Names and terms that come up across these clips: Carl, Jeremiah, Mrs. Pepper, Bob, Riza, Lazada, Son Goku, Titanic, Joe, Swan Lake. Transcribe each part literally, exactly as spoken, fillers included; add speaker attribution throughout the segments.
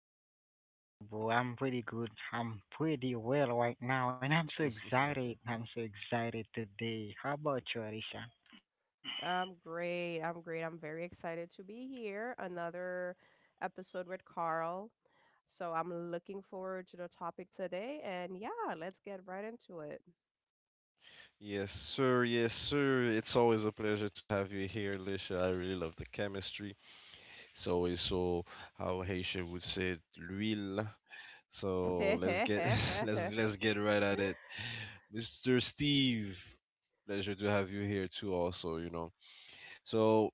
Speaker 1: Yo, I'm pretty good, thank you, bro. I'm pretty good. I'm pretty well right now, and I'm so excited. I'm so excited today. How about you, Alicia?
Speaker 2: I'm great. I'm great. I'm very excited to be here. Another episode with Carl. So I'm looking forward to the topic today. And yeah, let's get right into it.
Speaker 3: Yes, sir. Yes, sir. It's always a pleasure to have you here, Lisha. I really love the chemistry. It's always so, how Haitian would say, it, l'huile. So let's get let's let's get right at it. Mister Steve, pleasure to have you here too also, you know. So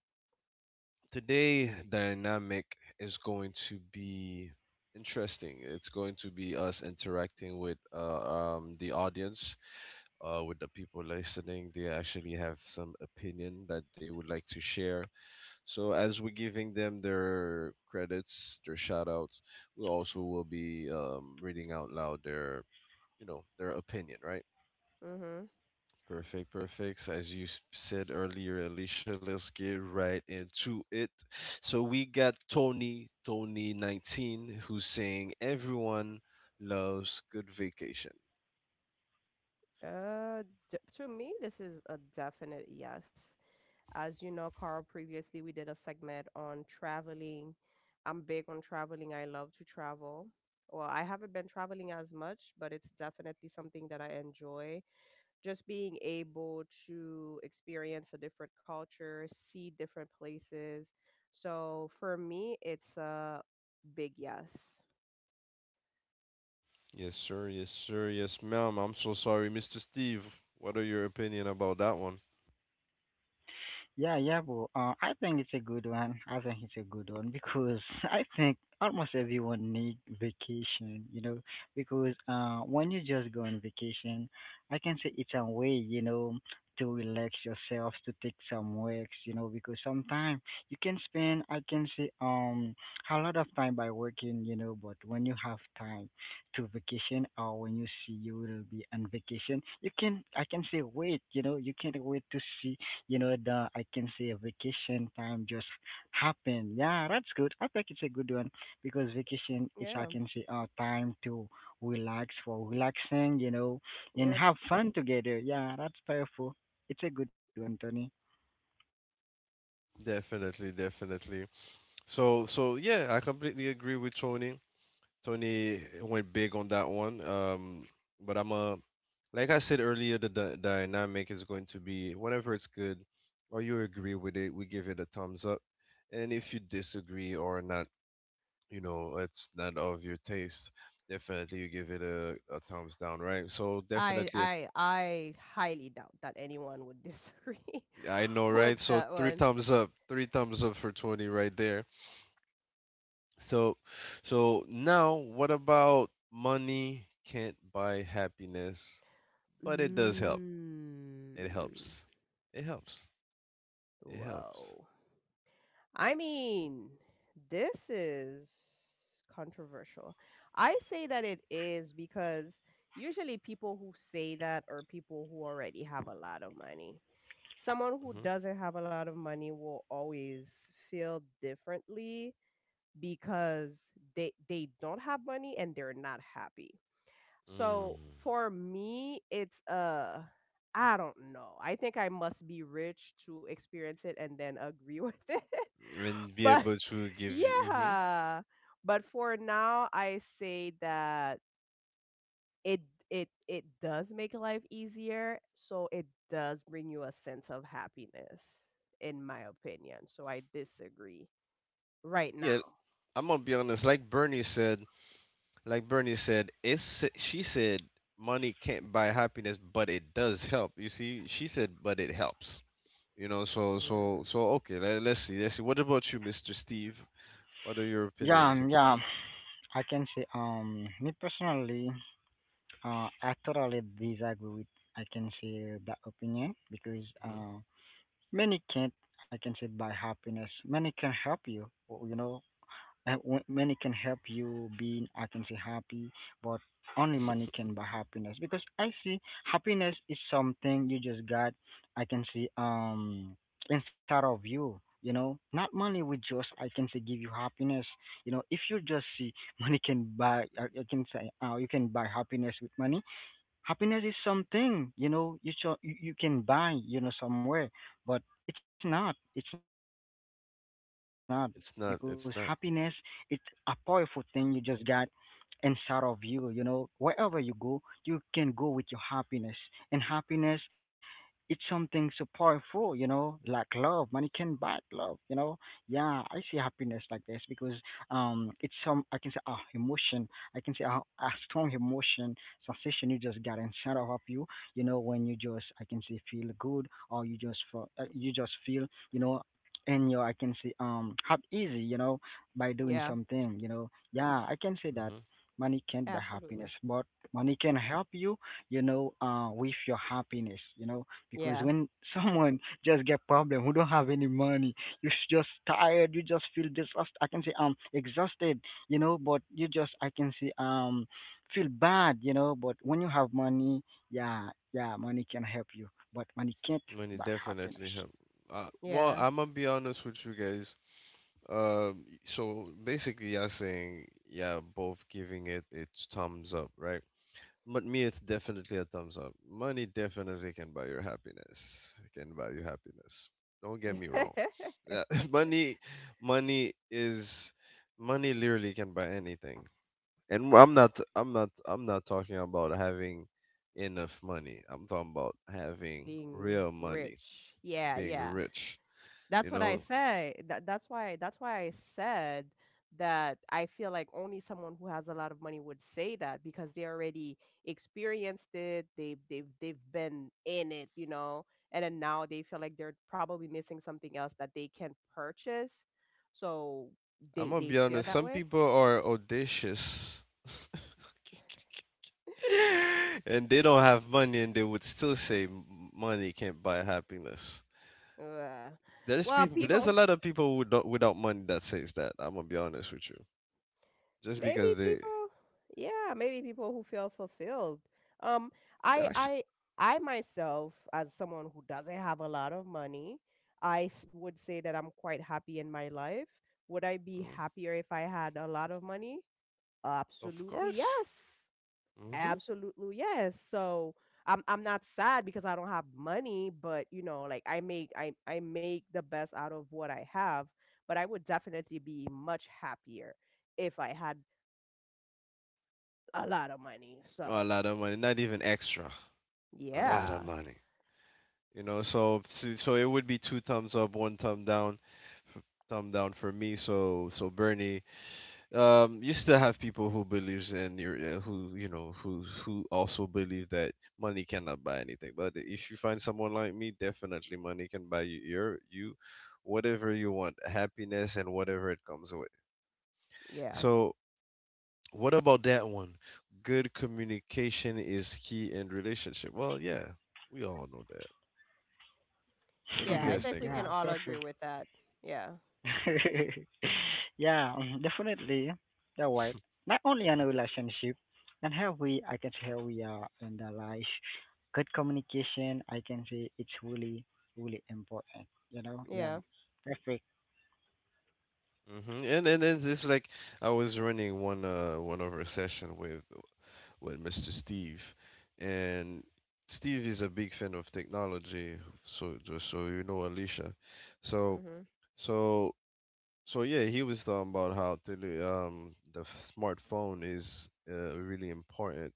Speaker 3: today dynamic is going to be interesting. It's going to be us interacting with uh, um the audience, uh with the people listening. They actually have some opinion that they would like to share, so as we're giving them their credits, their shout outs, we also will be um, reading out loud their, you know, their opinion, right?
Speaker 2: Mm-hmm.
Speaker 3: Perfect, perfect. So As you s- said earlier, Alicia, let's get right into it. So we got Tony, Tony19, who's saying everyone loves good vacation.
Speaker 2: Uh, d- to me, this is a definite yes. As you know, Carl, previously we did a segment on traveling. I'm big on traveling. I love to travel. Well, I haven't been traveling as much, but it's definitely something that I enjoy. Just being able to experience a different culture, see different places. So for me, it's a big yes.
Speaker 3: Yes, sir. Yes, sir. Yes, ma'am. I'm so sorry, Mister Steve. What are your opinion about that one?
Speaker 1: Yeah, yeah, bro. Uh, I think it's a good one. I think it's a good one because I think almost everyone need vacation, you know, because uh, when you just go on vacation, I can say it's a way, you know, to relax yourself, to take some walks, you know, because sometimes you can spend, I can say, um, a lot of time by working, you know, but when you have time to vacation or when you see you will be on vacation, you can, I can say, wait, you know, you can't wait to see, you know, the, I can say, vacation time just happened. Yeah, that's good. I think it's a good one because vacation is, I
Speaker 2: Yeah.
Speaker 1: can say, uh time to relax, for relaxing, you know, and
Speaker 2: Yep.
Speaker 1: have fun together. Yeah, that's powerful. It's a good one, Tony.
Speaker 3: Definitely, definitely. So so yeah, I completely agree with Tony. Tony went big on that one. Um, but I'm a like I said earlier, the, the dynamic is going to be whenever it's good or you agree with it, we give it a thumbs up. And if you disagree or not, you know, it's not of your taste, definitely you give it a, a thumbs down, right? So
Speaker 2: I
Speaker 3: definitely, a,
Speaker 2: I I highly doubt that anyone would disagree
Speaker 3: I know, right?
Speaker 2: with
Speaker 3: So
Speaker 2: that
Speaker 3: three
Speaker 2: one.
Speaker 3: thumbs up, three thumbs up for Tony right there. So, so now what about money can't buy happiness, but it does help.
Speaker 2: Mm,
Speaker 3: It helps. It helps. It helps.
Speaker 2: whoa. I mean, this is controversial. I say that it is because usually people who say that are people who already have a lot of money. Someone who
Speaker 3: Hmm.
Speaker 2: doesn't have a lot of money will always feel differently because they they don't have money and they're not happy. So
Speaker 3: Mm.
Speaker 2: for me, it's uh I don't know. I think I must be rich to experience it and then agree with it.
Speaker 3: And be
Speaker 2: But.
Speaker 3: able to give you. Hmm.
Speaker 2: Yeah. But for now, I say that it it it does make life easier, so it does bring you a sense of happiness, in my opinion. So I disagree right
Speaker 3: Yeah,
Speaker 2: now.
Speaker 3: I'm gonna be honest. Like Bernie said, like Bernie said, it's she said money can't buy happiness, but it does help. You see, she said, but it helps. You know, so
Speaker 2: Mm,
Speaker 3: so so okay. Let, let's see. Let's see. What about you, Mister Steve? What are your
Speaker 1: yeah
Speaker 3: opinions?
Speaker 1: um, yeah I can say, um me personally, uh I totally disagree with, I can say, that opinion because uh many can't, I can say, buy happiness. Many can help you, or, you know, Uh, w- money can help you being, I can say, happy, but only money can buy happiness because I see happiness is something you just got. I can see, um inside of you, you know, not money will just, I can say, give you happiness. You know, if you just see money can buy, i, I can say, uh, you can buy happiness with money. Happiness is something, you know, you, cho- you you can buy, you know, somewhere, but it's not, it's not because happiness, it's a
Speaker 3: It's
Speaker 1: powerful
Speaker 3: not.
Speaker 1: thing you
Speaker 3: It's not.
Speaker 1: just got inside of you, you know. Wherever you go, you can go with your happiness. And happiness, it's something so powerful, you know, like love. Money can buy love, you know. Yeah, I see happiness like this because um it's some, I can say, ah, emotion. I can say a, a strong emotion, sensation, you just got inside of you, you know, when you just, I can say, feel good, or you just feel, uh, you just feel, you know. And your, I can say, um have easy, you know, by doing
Speaker 2: yeah,
Speaker 1: something, you know. Yeah, I can say that
Speaker 3: Hmm.
Speaker 1: money can't buy
Speaker 2: absolutely.
Speaker 1: happiness, but money can help you, you know, uh, with your happiness, you know, because
Speaker 2: Yeah,
Speaker 1: when someone just get problem, who don't have any money, you s- just tired, you just feel disgust. I can say um exhausted, you know, but you just, I can say, um feel bad, you know, but when you have money, yeah, yeah, money can help you, but money can't
Speaker 3: Money
Speaker 1: buy happiness.
Speaker 3: definitely help. Uh, well,
Speaker 2: yeah.
Speaker 3: I'm gonna be honest with you guys. Um, so basically, you're saying yeah, both giving it its thumbs up, right? But me, it's definitely a thumbs up. Money definitely can buy your happiness. It can buy you happiness. Don't get me wrong. Yeah, money, money is money. Literally can buy anything. And I'm not I'm not I'm not talking about having enough money. I'm talking about having
Speaker 2: Being
Speaker 3: real money,
Speaker 2: rich. Yeah,
Speaker 3: being
Speaker 2: yeah.
Speaker 3: rich.
Speaker 2: That's
Speaker 3: You
Speaker 2: what I
Speaker 3: know,
Speaker 2: say. That that's why that's why I said that I feel like only someone who has a lot of money would say that because they already experienced it. They've they've they've been in it, you know, and then now they feel like they're probably missing something else that they can purchase. So
Speaker 3: I'm
Speaker 2: they
Speaker 3: gonna
Speaker 2: they
Speaker 3: be
Speaker 2: feel
Speaker 3: honest,
Speaker 2: that
Speaker 3: some
Speaker 2: way.
Speaker 3: people are audacious and they don't have money and they would still say "M- money can't buy happiness.
Speaker 2: Ugh.
Speaker 3: There's
Speaker 2: Well,
Speaker 3: people there's a
Speaker 2: people
Speaker 3: lot of people who don't, without money that says that. I'm gonna be honest with you. Just
Speaker 2: Maybe
Speaker 3: because they
Speaker 2: people yeah, maybe people who feel fulfilled. Um, I
Speaker 3: actually,
Speaker 2: I I myself, as someone who doesn't have a lot of money, I s- would say that I'm quite happy in my life. Would I be happier if I had a lot of money?
Speaker 3: of
Speaker 2: Absolutely
Speaker 3: course.
Speaker 2: yes.
Speaker 3: Hmm.
Speaker 2: Absolutely yes. So I'm I'm not sad because I don't have money, but you know, like I make I, I make the best out of what I have, but I would definitely be much happier if I had a lot of money.
Speaker 3: Oh, a
Speaker 2: So,
Speaker 3: lot of money, not even extra. A lot of
Speaker 2: yeah,
Speaker 3: money. You know, so so so it would be two thumbs up, one thumb down, f- thumb down for me. So so Bernie, um, you still have people who believes in your uh, who you know who who also believe that money cannot buy anything. But if you find someone like me, definitely money can buy you your you whatever you want, happiness and whatever it comes with.
Speaker 2: yeah,
Speaker 3: So what about that one? Good communication is key in relationship. Well, yeah, we all know that. What do you
Speaker 2: yeah. I
Speaker 3: guys
Speaker 2: think
Speaker 3: think
Speaker 2: we
Speaker 3: of?
Speaker 1: Yeah,
Speaker 2: can all agree
Speaker 1: perfect.
Speaker 2: with that. Yeah,
Speaker 1: Yeah, mm, definitely. Yeah, right. Not only in a relationship, and how we, I can say, how we are in the life. Good communication, I can say, it's really, really important. You know, yeah,
Speaker 2: yeah,
Speaker 1: perfect.
Speaker 3: hmm And and it's, it's like I was running one uh one of our session with with Mister Steve, and Steve is a big fan of technology. So just so you know, Alicia. So
Speaker 2: mm-hmm.
Speaker 3: so so yeah, he was talking about how tele, um the f- smartphone is uh, really important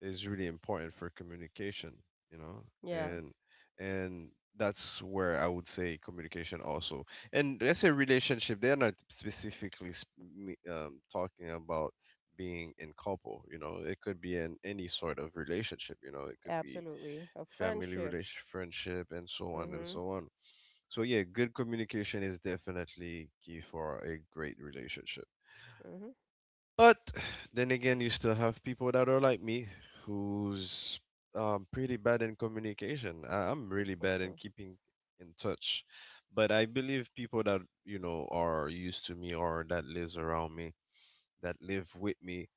Speaker 3: is really important for communication you know
Speaker 2: Yeah,
Speaker 3: and and that's where I would say communication also, and let's say relationship. They're not specifically sp- me- um, talking about being in couple. You know it could be in any sort of relationship. You know it could be
Speaker 2: absolutely. A
Speaker 3: family
Speaker 2: friendship.
Speaker 3: relationship, friendship, and so on and
Speaker 2: Mm-hmm.
Speaker 3: so on. So yeah, good communication is definitely key for a great relationship.
Speaker 2: Mm-hmm.
Speaker 3: But then again, you still have people that are like me who's um, pretty bad in communication. I- I'm really bad in
Speaker 2: Hmm.
Speaker 3: keeping in touch. But I believe people that, you know, are used to me or that lives around me, that live with me,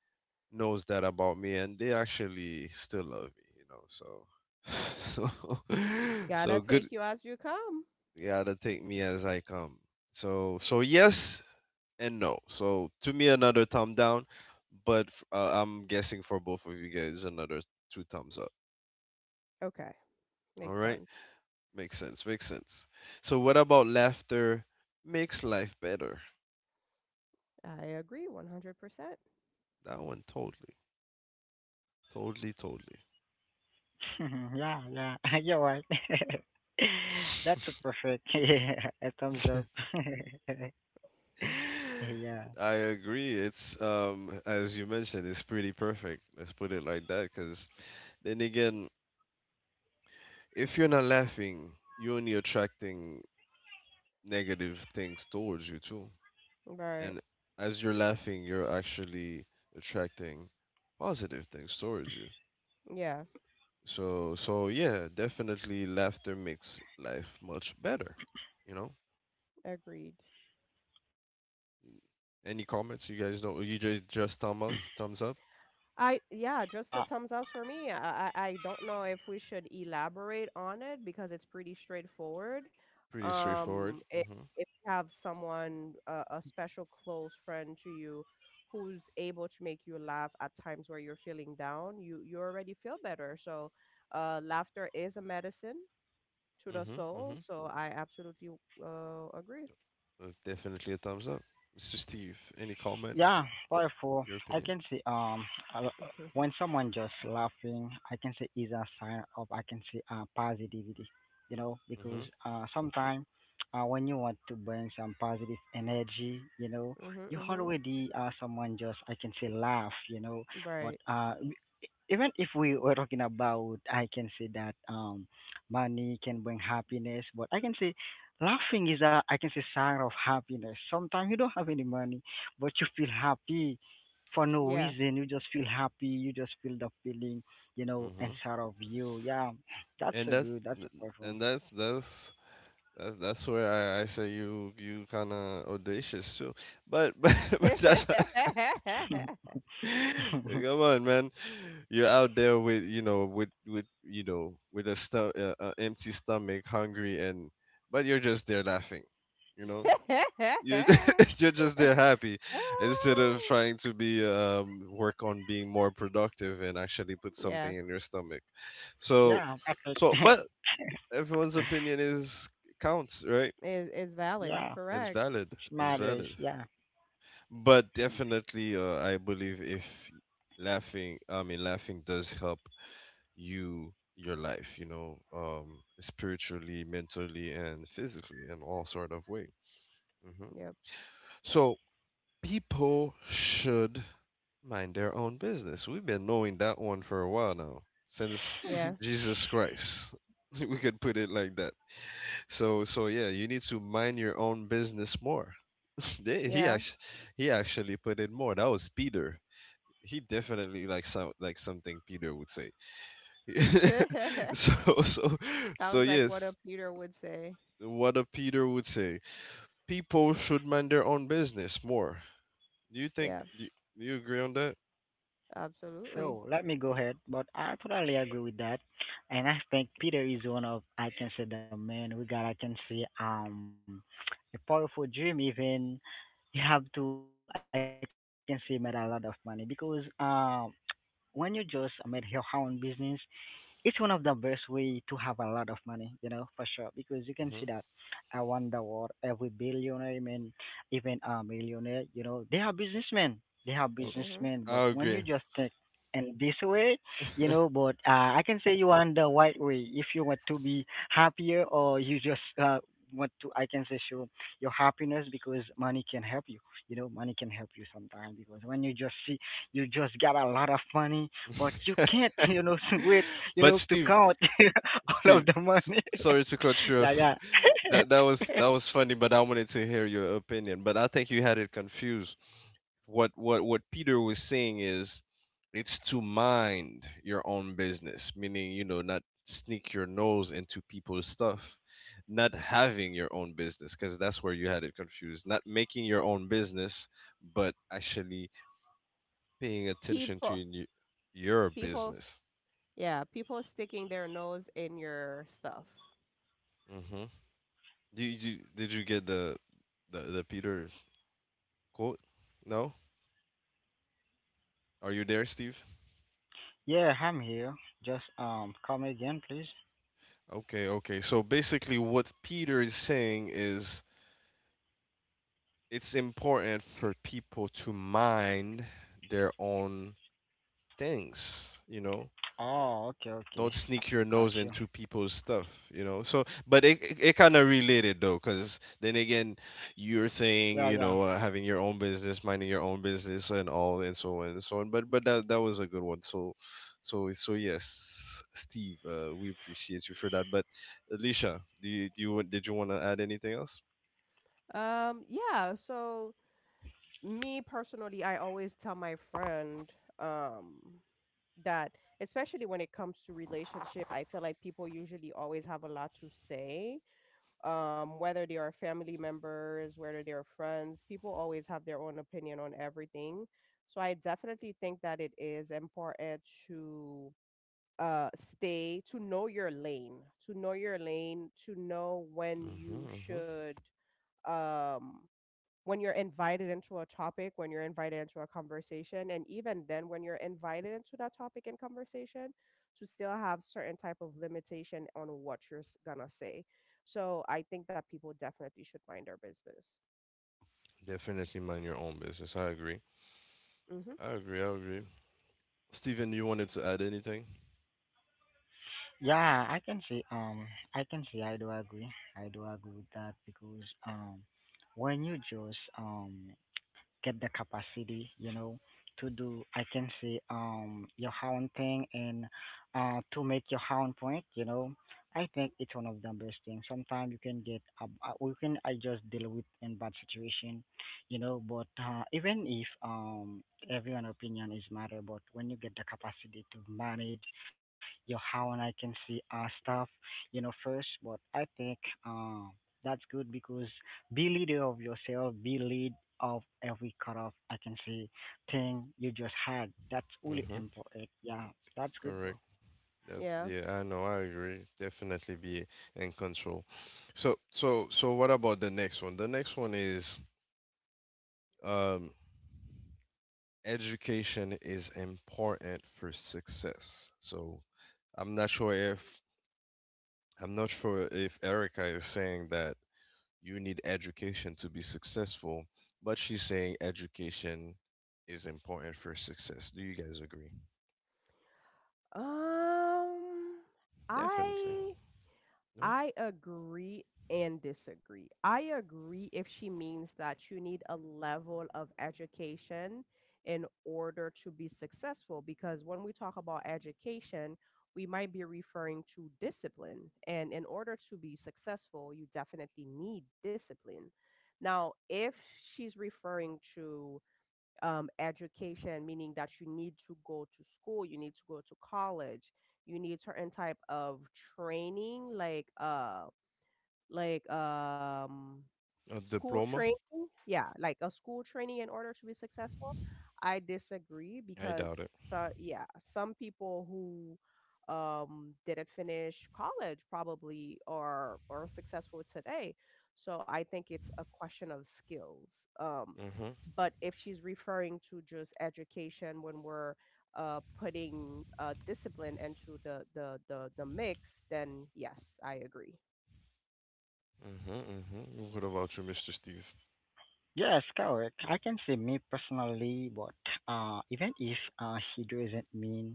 Speaker 3: knows that about me, and they actually still love me, you know. So so,
Speaker 2: Gotta
Speaker 3: so good.
Speaker 2: take you as you come.
Speaker 3: Yeah, to take me as I come. So so yes, and no. So to me, another thumb down, but f- uh, I'm guessing for both of you guys, another two thumbs up.
Speaker 2: Okay,
Speaker 3: All
Speaker 2: makes
Speaker 3: right,
Speaker 2: sense.
Speaker 3: makes sense, makes sense. So what about laughter makes life better?
Speaker 2: I agree one hundred percent.
Speaker 3: That one totally, totally, totally.
Speaker 1: yeah, yeah, you're right. That's a perfect. Yeah, a thumbs up. yeah,
Speaker 3: I agree. It's um as you mentioned, it's pretty perfect. Let's put it like that. Because then again, if you're not laughing, you're only attracting negative things towards you too.
Speaker 2: Right.
Speaker 3: And as you're laughing, you're actually attracting positive things towards you.
Speaker 2: Yeah,
Speaker 3: So, so yeah, definitely laughter makes life much better. You know,
Speaker 2: agreed.
Speaker 3: any comments you
Speaker 1: yeah,
Speaker 3: guys know?
Speaker 1: so
Speaker 3: You just
Speaker 1: powerful.
Speaker 3: just thumb up, thumbs up.
Speaker 2: I
Speaker 1: Yeah,
Speaker 2: yeah,
Speaker 1: yeah.
Speaker 2: just a
Speaker 1: Uh,
Speaker 2: thumbs ups for me. I, I I don't know if we should elaborate on it because it's pretty straightforward.
Speaker 3: Pretty
Speaker 2: Um,
Speaker 3: straightforward.
Speaker 2: if,
Speaker 3: Mhm,
Speaker 2: if you have someone, uh, a special close friend to you, who's able to make you laugh at times where you're feeling down, you you already feel better. So, uh, laughter is a medicine to the
Speaker 3: mhm,
Speaker 2: soul.
Speaker 3: mhm.
Speaker 2: So I absolutely uh agree.
Speaker 3: Uh, Definitely a thumbs up. Mister Steve, any comment?
Speaker 1: Yeah, powerful.
Speaker 3: Your
Speaker 1: I
Speaker 3: opinion?
Speaker 1: can see, um a, when someone just laughing, I can say, is a sign of, I can see, uh positivity. You know, because
Speaker 3: Mhm,
Speaker 1: uh sometimes, uh when you want to bring some positive energy, you know,
Speaker 2: Mm-hmm,
Speaker 1: you
Speaker 2: mm-hmm.
Speaker 1: already, uh someone just, I can say, laugh, you know, but
Speaker 2: Right.
Speaker 1: uh even if we were talking about, I can say, that um money can bring happiness, but I can say laughing is a, I can say, sign of happiness. Sometimes you don't have any money, but you feel happy for no
Speaker 2: Yeah.
Speaker 1: reason. You just feel happy, you just feel the feeling, you know,
Speaker 3: mhm.
Speaker 1: inside of you. Yeah, that's
Speaker 3: And
Speaker 1: so
Speaker 3: that,
Speaker 1: good, that's a powerful.
Speaker 3: and that's that's that, that's where I, I say you you kind of audacious too. But but but that's Come on, man. You're out there with, you know, with with you know, with a sto- uh, uh, empty stomach, hungry, and but you're just there laughing. You know, you you're just there happy instead
Speaker 2: Ah.
Speaker 3: of trying to be um work on being more productive and actually put
Speaker 2: Yeah,
Speaker 3: something in your stomach. So,
Speaker 1: Yeah, perfect.
Speaker 3: so but everyone's opinion is counts, right?
Speaker 2: is is valid,
Speaker 1: Yeah,
Speaker 3: It's
Speaker 2: correct.
Speaker 1: it
Speaker 3: valid. It's
Speaker 1: matters.
Speaker 3: valid.
Speaker 1: Yeah.
Speaker 3: But definitely, uh, I believe if laughing, I mean, laughing does help you, your life, you know, um, spiritually, mentally, and physically, in all sort of way. Hmm.
Speaker 2: Yep.
Speaker 3: So people should mind their own business. We've been knowing that one for a while now, since
Speaker 2: Yeah.
Speaker 3: Jesus Christ. We could put it like that. So, so yeah, you need to mind your own business more. They- he
Speaker 2: Yeah.
Speaker 3: actually, he actually put it more. That was Peter. He definitely like some like something Peter would say. so so so
Speaker 2: Sounds like what a
Speaker 3: yes,
Speaker 2: Peter would say.
Speaker 3: what a Peter would say. People should mind their own business more. Do you think
Speaker 2: Yeah,
Speaker 3: do you, do you agree on that?
Speaker 2: absolutely.
Speaker 1: So let me go ahead, but I totally agree with that, and I think Peter is one of, I can say, the man we got. I can say um a powerful dream. Even you have to, I can say, made a lot of money because um when you just made your own business, it's one of the best way to have a lot of money, you know, for sure. Because you can
Speaker 3: Hmm.
Speaker 1: see that uh, around the world, every billionaire, I mean, even a millionaire, you know, they are businessmen. They are
Speaker 3: Oh,
Speaker 2: Hmm.
Speaker 1: businessmen.
Speaker 3: I
Speaker 1: But when you
Speaker 3: agree.
Speaker 1: just think in this way, you know, but uh, I can say you are on the right way. If you want to be happier, or you just uh, want to, I can say, show your happiness, because money can help you. You know, money can help you sometimes, because when you just see, you just got a lot of money, but you can't, you know, wait,
Speaker 3: But
Speaker 1: you know, to
Speaker 3: Steve,
Speaker 1: count
Speaker 3: Steve,
Speaker 1: all of the
Speaker 3: s-
Speaker 1: money.
Speaker 3: sorry to cut you off.
Speaker 1: yeah, yeah.
Speaker 3: That that was that was funny, but I wanted to hear your opinion. But I think you had it confused. What what what Peter was saying is it's to mind your own business, meaning you know not sneak your nose into people's stuff, not having your own business because that's where you had it confused, not making your own business, but actually paying attention to
Speaker 2: People,
Speaker 3: your, your
Speaker 2: people,
Speaker 3: business.
Speaker 2: yeah, people sticking their nose in your stuff.
Speaker 3: Mm-hmm. Did you did you get the the the Peter quote? No? Are you there, Steve?
Speaker 1: Yeah, I'm here. Just um, come again, please.
Speaker 3: Okay, okay. So basically what Peter is saying is it's important for people to mind their own things. You know
Speaker 1: Oh,
Speaker 3: don't
Speaker 1: okay,
Speaker 3: sneak your
Speaker 1: okay. I
Speaker 3: nose
Speaker 1: got
Speaker 3: into
Speaker 1: you.
Speaker 3: people's stuff. You know so, but it it, it kind of related though, because then again you're
Speaker 1: Yeah, yeah.
Speaker 3: saying, you know uh, having your own business, minding your own business and all, and so on and so on. But but that, that was a good one. So so so yes, Steve, uh, we appreciate you for that. But Alicia, do you, do you did you want to add anything else?
Speaker 2: Um, yeah, so me personally, I always tell my friend, um, that especially when it comes to relationship, I feel like people usually always have a lot to say, um, whether they are family members, whether they are friends, people always have their own opinion on everything. So I definitely think that it is important to uh, stay, to know your lane, to know your lane, to know when you
Speaker 3: Hmm. Hmm.
Speaker 2: should, um, when you're invited into a topic, when you're invited into a conversation, and even then when you're invited into that topic and conversation, to still have certain type of limitation on what you're s- gonna say. So I think that people definitely should mind their business.
Speaker 3: Definitely mind your own business. I agree.
Speaker 2: Hmm.
Speaker 3: I agree. I agree. Steven, you wanted to add anything?
Speaker 1: Yeah, I can see. Um, I can see. I do agree. I do agree with that because um, when you just um get the capacity, you know, to do, I can say, um, your own thing, and uh, to make your own point, you know, I think it's one of the best things. Sometimes you can get, uh, uh, we can, I just deal with in bad situation, you know, but uh, even if um, everyone opinion is matter, but when you get the capacity to manage your own, I can see, uh, stuff, you know, first, but I think uh, that's good because be leader of yourself, be lead of every kind of agency thing you just had. That's really
Speaker 3: Mm-hmm.
Speaker 1: important. Yeah, that's good,
Speaker 3: Correct.
Speaker 1: bro.
Speaker 3: That's
Speaker 2: Yeah.
Speaker 3: yeah. I know. I agree. Definitely be in control. So so so what about the next one? The next one is um, education is important for success. So I'm not sure if I'm not sure if Erica is saying that you need education to be successful, but she's saying education is important for success. Do you guys agree?
Speaker 2: Um,
Speaker 3: Definitely.
Speaker 2: I
Speaker 3: No,
Speaker 2: I agree and disagree. I agree if she means that you need a level of education in order to be successful, because when we talk about education, we might be referring to discipline. And in order to be successful, you definitely need discipline. Now, if she's referring to, um, education, meaning that you need to go to school, you need to go to college, you need certain type of training, like uh, like um,
Speaker 3: a
Speaker 2: school
Speaker 3: diploma?
Speaker 2: training, yeah, like a school training in order to be successful, I disagree
Speaker 3: I
Speaker 2: because
Speaker 3: doubt it.
Speaker 2: so yeah, some people who, um, didn't finish college probably are are successful today. So I think it's a question of skills. Um,
Speaker 3: Mm-hmm.
Speaker 2: but if she's referring to just education when we're, uh, putting, uh, discipline into the, the the the mix, then yes, I agree.
Speaker 3: Mm-hmm. Mm-hmm. What about you, Mister Steve?
Speaker 1: Yes, correct. I can say, me personally, but uh, even if uh, he doesn't mean,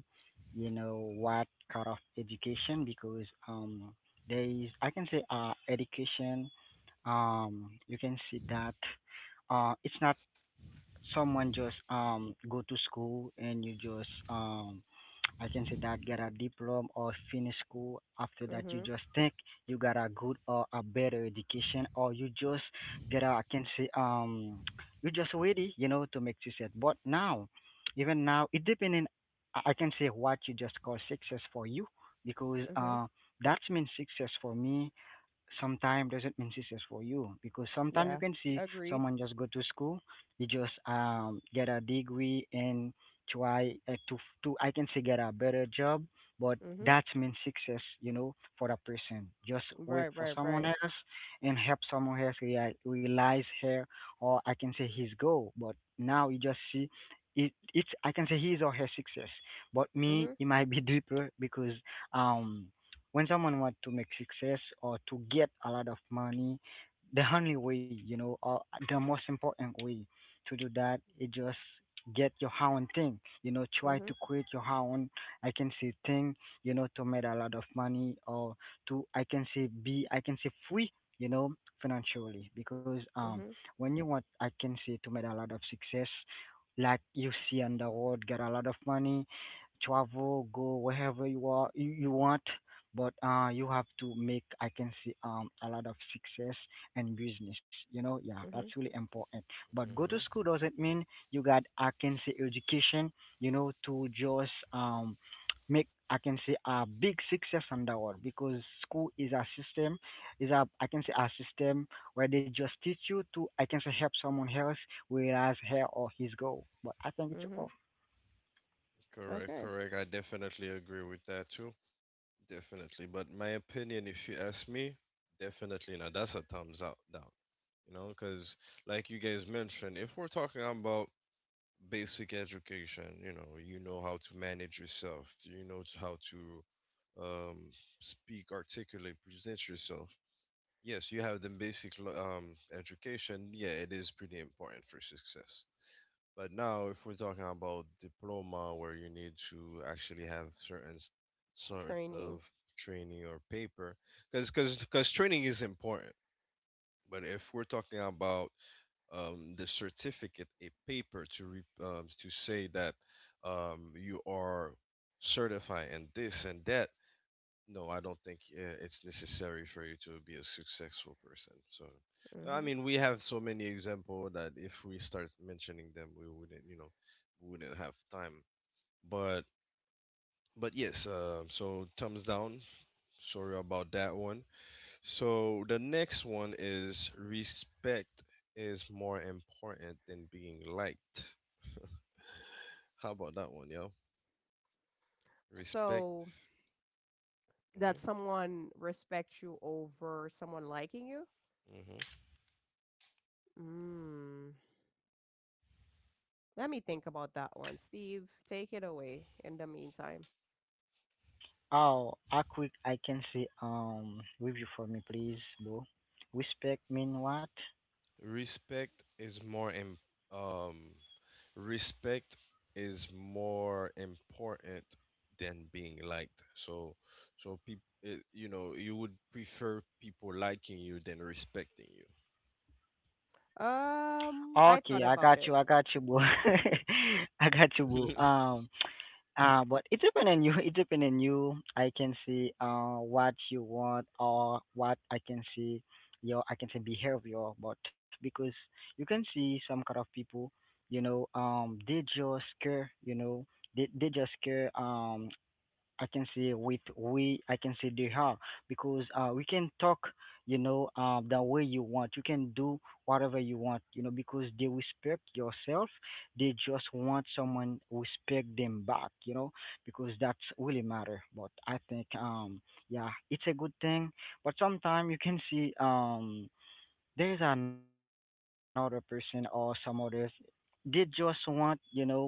Speaker 1: you know, what kind of education, because um, there is, I can say, uh, education. Um, you can see that uh, it's not someone just um go to school and you just um I can say that get a diploma or finish school. After that, you
Speaker 2: Mhm.
Speaker 1: just think you got a good or a better education, or you just get a, I can say, um you just ready, you know, to make success. But now, even now, it depending. I I can say what you just call success for you, because
Speaker 2: Mhm.
Speaker 1: uh that means success for me sometime doesn't mean success for you, because sometimes you
Speaker 2: Yeah.
Speaker 1: can see
Speaker 2: Agreed.
Speaker 1: someone just go to school, you just um get a degree and try uh, to to I can say, get a better job, but
Speaker 2: Mhm.
Speaker 1: that means success, you know, for that person just work
Speaker 2: Right,
Speaker 1: for
Speaker 2: right,
Speaker 1: someone
Speaker 2: right.
Speaker 1: else and help someone else rea- realize her, or I can say his goal, but now you just see, it, it's, I can say, his or her success, but me
Speaker 2: Mhm.
Speaker 1: it might be deeper because um when someone want to make success or to get a lot of money, the only way, you know, or the most important way to do that is just get your own thing. You know, try
Speaker 2: Mhm.
Speaker 1: to create your own, I can say, thing, you know, to make a lot of money or to, I can say, be, I can say, free, you know, financially. Because um,
Speaker 2: Mhm.
Speaker 1: when you want, I can say, to make a lot of success, like you see on the road, get a lot of money, travel, go wherever you are you, you want, but uh you have to make, I can see, um a lot of success and business. You know, yeah, that's
Speaker 2: Mhm.
Speaker 1: really important. But go to school
Speaker 3: Mm-hmm.
Speaker 1: doesn't mean you got, I can say, education, you know, to just um make, I can say, a big success on that world, because school is a system, is a, I can say, a system where they just teach you to, I can say, help someone else realize her or his goal. But I think it's off.
Speaker 2: Mhm.
Speaker 3: Correct,
Speaker 2: Okay.
Speaker 3: correct. I definitely agree with that too. Definitely. But my opinion, if you ask me, definitely not. That's a thumbs up down. You know, because like you guys mentioned, if we're talking about basic education, you know, you know how to manage yourself, you know how to um, speak, articulate, present yourself. Yes, you have the basic lo- um, education. Yeah, it is pretty important for success. But now, if we're talking about diploma, where you need to actually have certain s- sort
Speaker 2: Training.
Speaker 3: of training or paper, because because because training is important. But if we're talking about um, the certificate, a paper to re, um, to say that um, you are certified in this and that, no, I don't think uh, it's necessary for you to be a successful person. So, no, I
Speaker 2: Mhm.
Speaker 3: mean, we have so many examples that if we start mentioning them, we wouldn't, you know, we wouldn't have time. But, but yes. Uh, so thumbs down. Sorry about that one. So the next one is respect is more important than being liked. How about that one, yo? Respect.
Speaker 2: So that
Speaker 3: hmm
Speaker 2: someone respects you over someone liking you?
Speaker 3: hmm
Speaker 2: Mm. Let me think about that one. Steve, take it away in the meantime.
Speaker 1: Oh, how quick, I can say, um review for me, please, bro. Respect mean what?
Speaker 3: Respect is more im- um respect is more important than being liked. So so people, you know, you would prefer people liking you than respecting you.
Speaker 2: Um, I thought
Speaker 1: Okay, I
Speaker 2: about
Speaker 1: got
Speaker 2: it.
Speaker 1: you, I got you, bro. I got you, bro. Um, uh, but it depends on you. It depends on you. I can see uh what you want or what, I can see, your, I can say, behavior, but because you can see some kind of people, you know, um, they just care, you know, they they just care. Um, I can say with we, I can say they are, because uh, we can talk, you know, uh, the way you want. You can do whatever you want, you know, because they respect yourself. They just want someone respect them back, you know, because that's really matter. But I think, um, yeah, it's a good thing. But sometimes you can see, um, there's another person or some others they just want you know um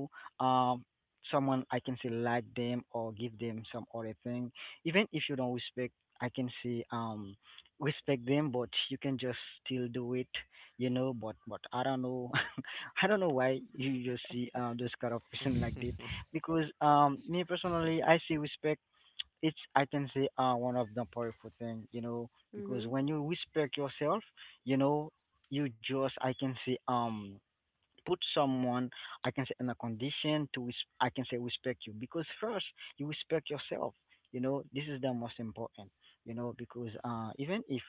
Speaker 1: someone I can say like them or give them some other thing even if you don't respect I can say um respect them, but you can just still do it, you know. But but I don't know. I don't know why you just see uh, those kind of person like that because, um me personally, I see respect. It's I can say uh one of the powerful thing, you know, because
Speaker 2: Mhm.
Speaker 1: when you respect yourself, you know, you just I can say um put someone I can say in a condition to res- I can say respect you because first you respect yourself. You know, this is the most important. You know, because uh even if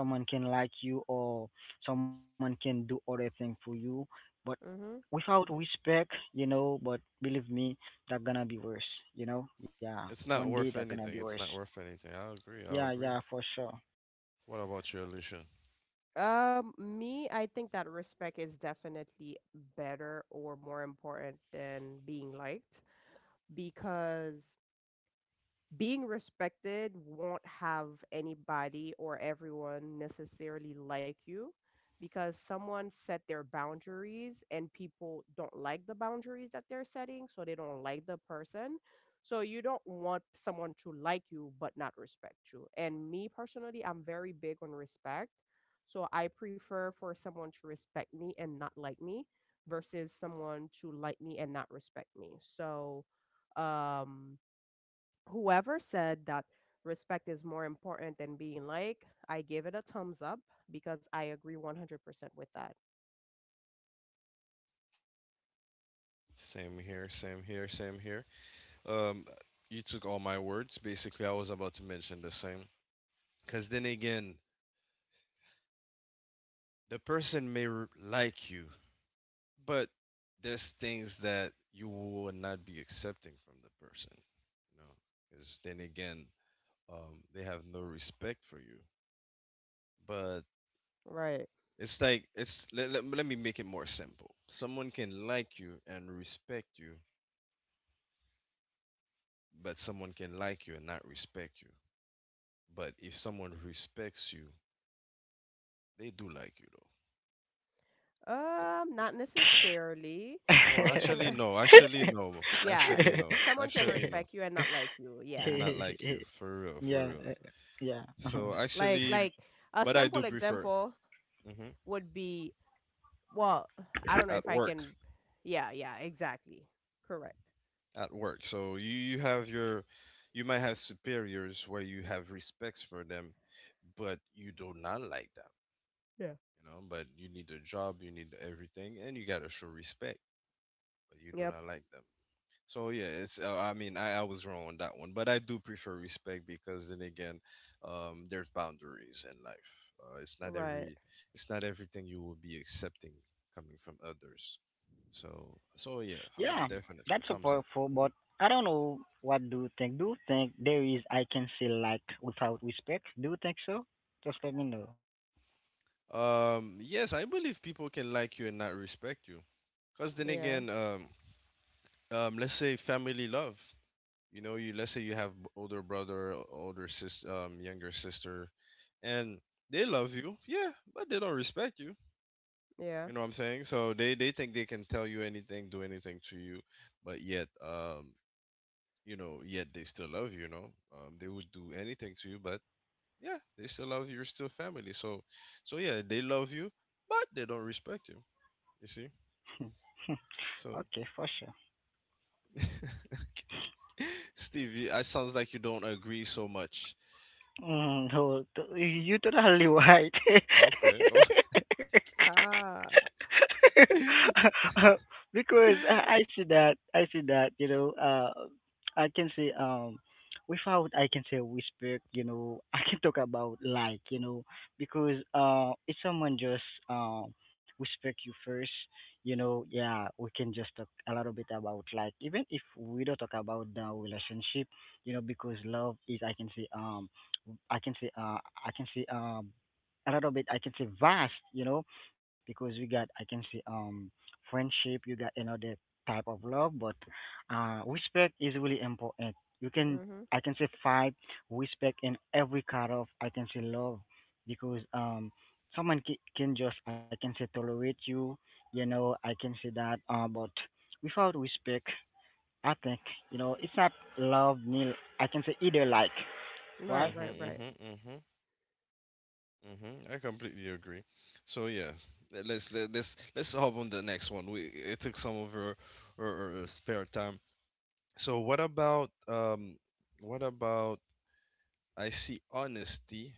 Speaker 1: someone can like you or someone can do other thing for you, but
Speaker 2: Mhm.
Speaker 1: without respect, you know, but believe me, that gonna be worse, you know? Yeah.
Speaker 3: It's
Speaker 1: One
Speaker 3: not
Speaker 1: day
Speaker 3: worth
Speaker 1: that gonna be
Speaker 3: anything,
Speaker 1: worse.
Speaker 3: it's not worth anything. I'll agree, I'll
Speaker 1: Yeah,
Speaker 3: agree.
Speaker 1: yeah, for sure.
Speaker 3: What about you, Alicia?
Speaker 2: Um, me, I think that respect is definitely better or more important than being liked because being respected won't have anybody or everyone necessarily like you because someone set their boundaries and people don't like the boundaries that they're setting, so they don't like the person. So you don't want someone to like you but not respect you. And me personally, I'm very big on respect. So I prefer for someone to respect me and not like me versus someone to like me and not respect me. So, um, whoever said that respect is more important than being like, I give it a thumbs up because I agree one hundred percent with that.
Speaker 3: Same here, same here, same here. um you took all my words basically, I was about to mention the same. Because then again, the person may r- like you. But there's things that you will not be accepting from the person, you know, because then again, um, they have no respect for you. But
Speaker 2: Right.
Speaker 3: it's like it's let, let, let me make it more simple. Someone can like you and respect you, but someone can like you and not respect you. But if someone respects you, they do like you though. The-
Speaker 2: Um,
Speaker 3: the-
Speaker 2: not necessarily.
Speaker 3: Oh,
Speaker 2: Someone can,
Speaker 3: actually
Speaker 2: re-
Speaker 3: no, actually no,
Speaker 2: yeah, s-
Speaker 3: actually no,
Speaker 2: someone can
Speaker 3: actually no,
Speaker 2: respect you and not like you.
Speaker 3: and
Speaker 2: Yeah.
Speaker 3: not like you, for real, for
Speaker 1: Yeah, uh,
Speaker 3: real.
Speaker 1: yeah,
Speaker 3: So
Speaker 2: Like,
Speaker 3: actually,
Speaker 2: like a
Speaker 3: but I
Speaker 2: simple
Speaker 3: do prefer,
Speaker 2: example
Speaker 3: hmm,
Speaker 2: would be, well, I don't know if
Speaker 3: at
Speaker 2: I
Speaker 3: work.
Speaker 2: can. Yeah, yeah, exactly. Correct.
Speaker 3: At work, so you you have your, you might have superiors where you have respects for them, but you do not like them.
Speaker 2: Yeah.
Speaker 3: You know, but you need a job, you need everything, and you gotta show respect, but you do
Speaker 2: Yep.
Speaker 3: not like them. So yeah, it's uh, I mean I, I was wrong on that one, but I do prefer respect because then again, um, there's boundaries in life. Uh, it's not
Speaker 2: Right.
Speaker 3: every it's not everything you will be accepting coming from others. So so yeah, um,
Speaker 1: yeah.
Speaker 3: definitely
Speaker 1: That's so
Speaker 3: thumbs up.
Speaker 1: powerful, but I don't know. What do you think? Do you think there is I can say like without respect? Do you think so? Just let me know.
Speaker 3: Um, yes, I believe people can like you and not respect you. Cause then
Speaker 2: Yeah.
Speaker 3: again, um, um, let's say family love. You know, you let's say you have b- older brother, older sis, um, younger sister, and they love you, yeah, but they don't respect you.
Speaker 2: Yeah.
Speaker 3: You know what I'm saying? So they they think they can tell you anything, do anything to you, but yet, um, you know, yet they still love you. You know, um, they would do anything to you, but yeah, they still love you. You're still family. So, so yeah, they love you, but they don't respect you. You see? So,
Speaker 1: Okay, for sure.
Speaker 3: Steve, you- it sounds like you don't agree so much.
Speaker 1: Mm, no, t- you totally right.
Speaker 3: Okay. Oh.
Speaker 2: Ah.
Speaker 3: Mhm.
Speaker 1: Because I I see that, I see that, you know, uh I can say, um without I can say whisper, you know. I can talk about like, you know, because uh if someone just, um whisper you first, you know, yeah, we can just talk a little bit about like even if we don't talk about the relationship, you know, because love is I can say, um I can say uh I can say um a little bit I can say vast, you know, because we got I can say, um friendship, you got another type of love, but uh respect is really important. You can
Speaker 2: Mhm.
Speaker 1: I can say five respect in every kind of I can say love because, um someone ca- can just I can say tolerate you, you know, I can say that uh but without respect, I think, you know, it's not love nil. I can say either like,
Speaker 2: Right.
Speaker 1: right?
Speaker 2: Right.
Speaker 3: Mhm.
Speaker 2: Right.
Speaker 3: Mhm. Mm-hmm. I completely agree. So yeah, let- let's let, let's let's hop on the next one. We it took some of our, our, our spare time. So what about um what about I see honesty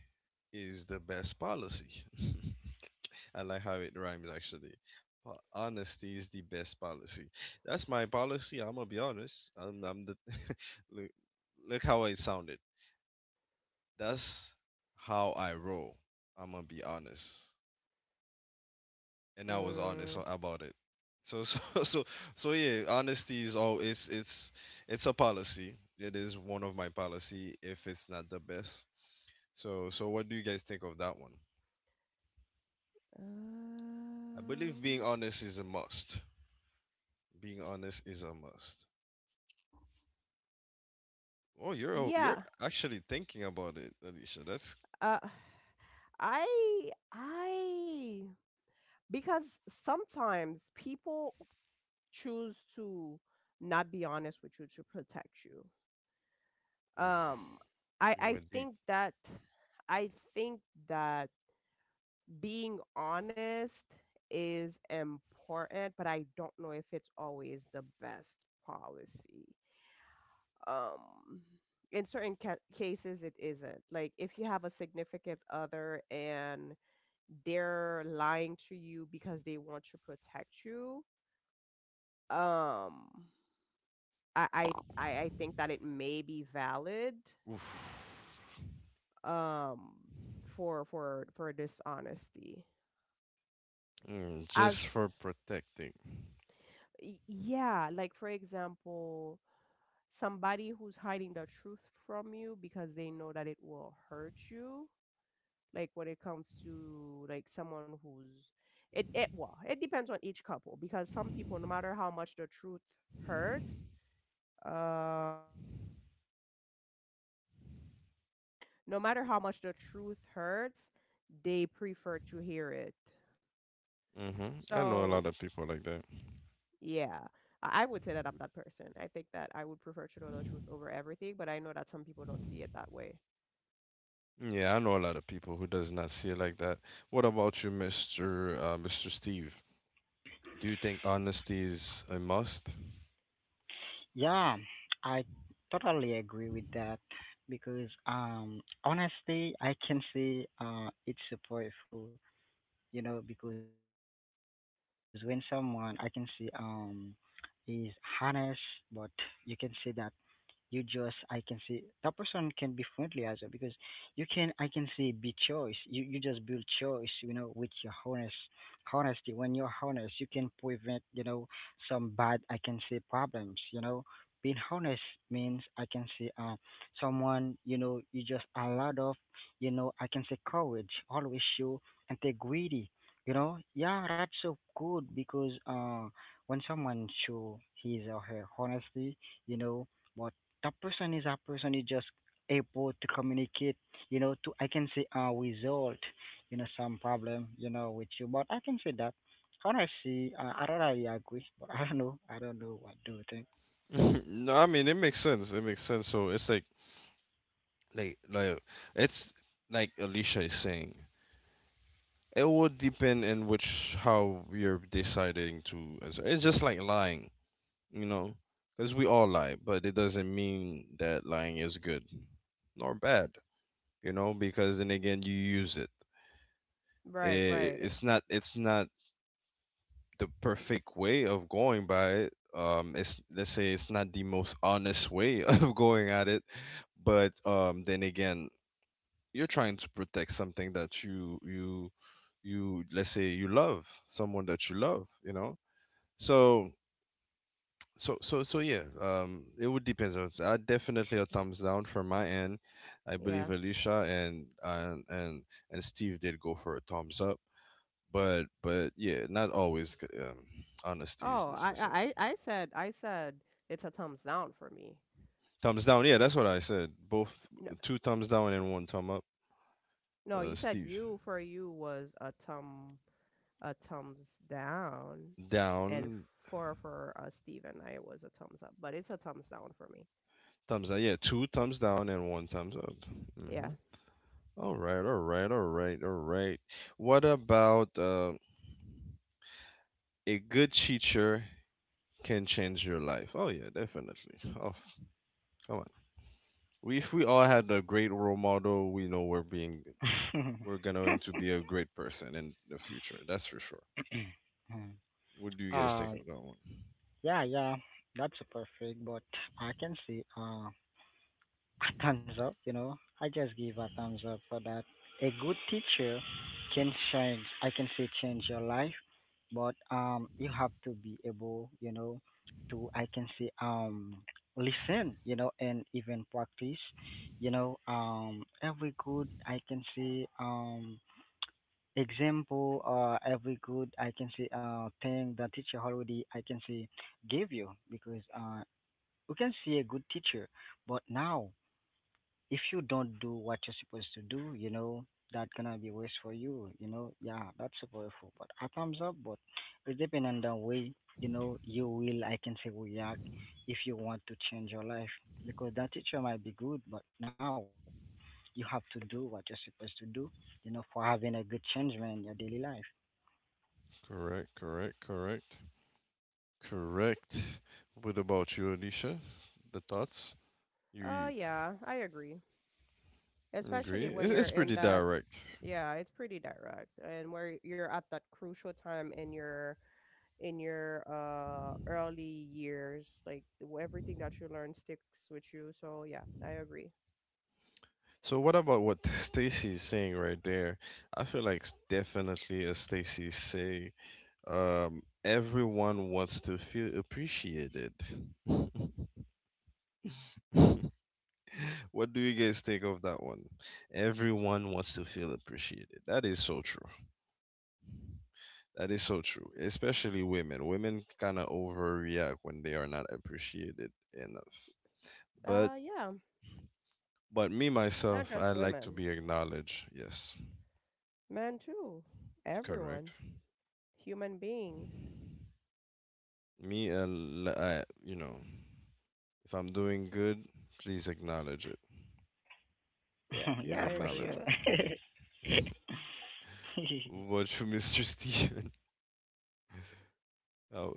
Speaker 3: is the best policy. I like how it rhymes actually. Po- Honesty is the best policy. That's my policy. I'm gonna be honest. I'm I'm the look, look how I sounded. That's how I roll. I'm gonna be honest. And I was honest
Speaker 2: Mm.
Speaker 3: a- about it. So so so so yeah, honesty is all it's it's it's a policy. It is one of my policy if it's not the best. So so what do you guys think of that one? I believe being
Speaker 2: Um,
Speaker 3: honest is a must. Being honest is a must. Oh, you're o- you're
Speaker 2: yeah.
Speaker 3: actually thinking about it, Alicia. That's
Speaker 2: Uh, I I because sometimes people choose to not be honest with you to protect you.
Speaker 3: oof,
Speaker 2: Um, I
Speaker 3: you
Speaker 2: I
Speaker 3: went deep.
Speaker 2: think that I think that being honest is important, but I don't know if it's always the best policy. Um, in certain ca- cases it isn't, like if you have a significant other and they're lying to you because they want to protect you, um, i i i I think that it may be valid,
Speaker 3: Oof.
Speaker 2: um, for for for dishonesty
Speaker 3: Mm,
Speaker 2: as,
Speaker 3: just for protecting.
Speaker 2: y- yeah, like for example somebody who's hiding the truth from you because they know that it will hurt you, like when it comes to like someone who's it, it well it depends on each couple because some people no matter how much the truth hurts uh no matter how much the truth hurts, they prefer to hear it.
Speaker 3: Hmm, I know a
Speaker 2: So
Speaker 3: lot of people like that.
Speaker 2: yeah, i I would say that I'm that person. I think that I would prefer to know the truth over everything, but I know that some people don't see it that way.
Speaker 3: Yeah, I know a lot of people who does not see it like that. What about you, mister Uh, mister Steve? Do you think honesty is a must?
Speaker 1: Yeah, I totally agree with that because, um honestly, I can see uh it's supportful, you know, because when someone I can see um is honest, but you can see that you just I can see that person can be friendly as well because you can I can see be choice. You you just build choice, you know, with your honest honesty. When you're honest, you can prevent, you know, some bad I can say problems, you know. Being honest means I can say um someone, you know, you just a lot of, you know, I can say courage, always show integrity. You know, yeah, that's so good because uh when someone show his or her honesty, you know, but that person is a person who just able to communicate, you know, to I can say uh result, you know, some problem, you know, with you, but I can say that honestly, uh, I don't really agree, but I don't know, I don't know, what do you think?
Speaker 3: No, I mean it makes sense. It makes sense. So it's like like like it's like Alicia is saying. It would depend in which how you're deciding to answer. It's just like lying, you know, because we all lie, but it doesn't mean that lying is good nor bad, you know, because then again you use it.
Speaker 2: Right,
Speaker 3: I-
Speaker 2: right.
Speaker 3: It's not. It's not the perfect way of going by it. Um, it's let's say it's not the most honest way of going at it, but um, then again, you're trying to protect something that you you you let's say you love someone that you love, you know. So so so so yeah. Um, it would depends on. I definitely a thumbs down from my end. I
Speaker 2: Yeah.
Speaker 3: believe Alicia and and and and Steve did go for a thumbs up, but but yeah, not always. c- Um, honesty is
Speaker 2: oh i i
Speaker 3: necessary.
Speaker 2: i I said i said it's a thumbs down for me.
Speaker 3: Thumbs down. Yeah, that's what I said. Both
Speaker 2: No,
Speaker 3: two thumbs down and one thumb up.
Speaker 2: no,
Speaker 3: Uh,
Speaker 2: you said
Speaker 3: Steve,
Speaker 2: you for you was a thumb, a thumbs down, and
Speaker 3: down,
Speaker 2: for for uh, Steven, I was a thumbs up, but it's a thumbs down for me.
Speaker 3: thumbs down. Yeah, two thumbs down and one thumbs up.
Speaker 2: Yeah.
Speaker 3: Hmm. All right, all right, all right, all right. What about uh, a good teacher can change your life? Oh yeah, definitely. Oh, come on. We, if we all had a great role model, we know we're being we're going to be a great person in the future. That's for sure. What do you guys think
Speaker 1: um
Speaker 3: of that one?
Speaker 1: yeah, yeah, that's perfect, but I can say uh a thumbs up, you know. I just give a thumbs up for that. A good teacher can change, I can say change your life, but um you have to be able, you know, to I can say um listen, you know, and even practice, you know, um every good I can say um example or every good I can say uh thing the teacher already I can say gave you, because uh we can see a good teacher, but now if you don't do what you're supposed to do, you know, that gonna be worse for you, you know. Yeah, that's powerful. But a thumbs up, but it depends on the way, you know, you will, I can say, react if you want to change your life. Because that teacher might be good, but now you have to do what you're supposed to do, you know, for having a good change, man, in your daily life.
Speaker 3: Correct, correct, correct. Correct. What about you, Alicia? The thoughts? You
Speaker 2: Uh,
Speaker 3: you
Speaker 2: yeah, I agree.
Speaker 3: agree?
Speaker 2: Especially when
Speaker 3: It- It's
Speaker 2: you're in
Speaker 3: pretty
Speaker 2: that,
Speaker 3: direct.
Speaker 2: yeah, it's pretty direct, and where you're at that crucial time in your in your, uh, early years, like w- everything that you learn sticks with you. So yeah, I agree.
Speaker 3: So what about what Stacy is saying right there? I feel like s- definitely as Stacy say, um, everyone wants to feel appreciated. What do you guys think of that one? Everyone wants to feel appreciated. That is so true. That is so true. Especially women. Women kind of overreact when they are not appreciated enough. But
Speaker 2: Uh, yeah,
Speaker 3: But me
Speaker 2: not
Speaker 3: myself, I
Speaker 2: just
Speaker 3: like to
Speaker 2: women,
Speaker 3: be acknowledged. Yes,
Speaker 2: men too,
Speaker 3: correct.
Speaker 2: everyone. Human beings.
Speaker 3: Me, I li- I- you know, if I'm doing good, please acknowledge it.
Speaker 2: Yeah,
Speaker 1: Yeah,
Speaker 3: Please
Speaker 2: I
Speaker 1: for sure.
Speaker 2: agree.
Speaker 3: acknowledge it. What you, mister Steven? Uh,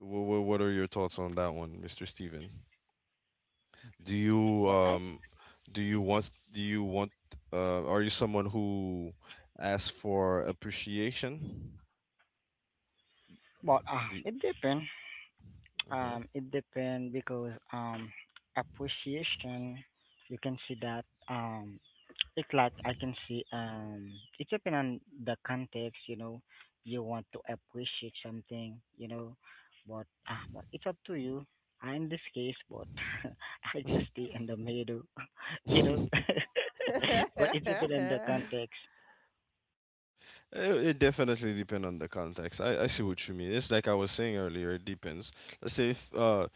Speaker 3: what, what are your thoughts on that one, mister Steven? Do
Speaker 1: But
Speaker 3: you
Speaker 1: I,
Speaker 3: um, do you want do you want uh, are you someone who asks for appreciation?
Speaker 1: but uh,
Speaker 3: Do
Speaker 1: it depends.
Speaker 3: you,
Speaker 1: Um, it depends because, um, appreciation, you can see that, um, it's like I can see, um, it depends on the context. You know, you want to appreciate something. You know, but ah, but it's up to you. I in this case, but I just stay in the middle. You know,
Speaker 3: mhm.
Speaker 1: but it depends on the context.
Speaker 3: It, it definitely depends on the context. I, I see what you mean. It's like I was saying earlier, it depends. Let's say if uh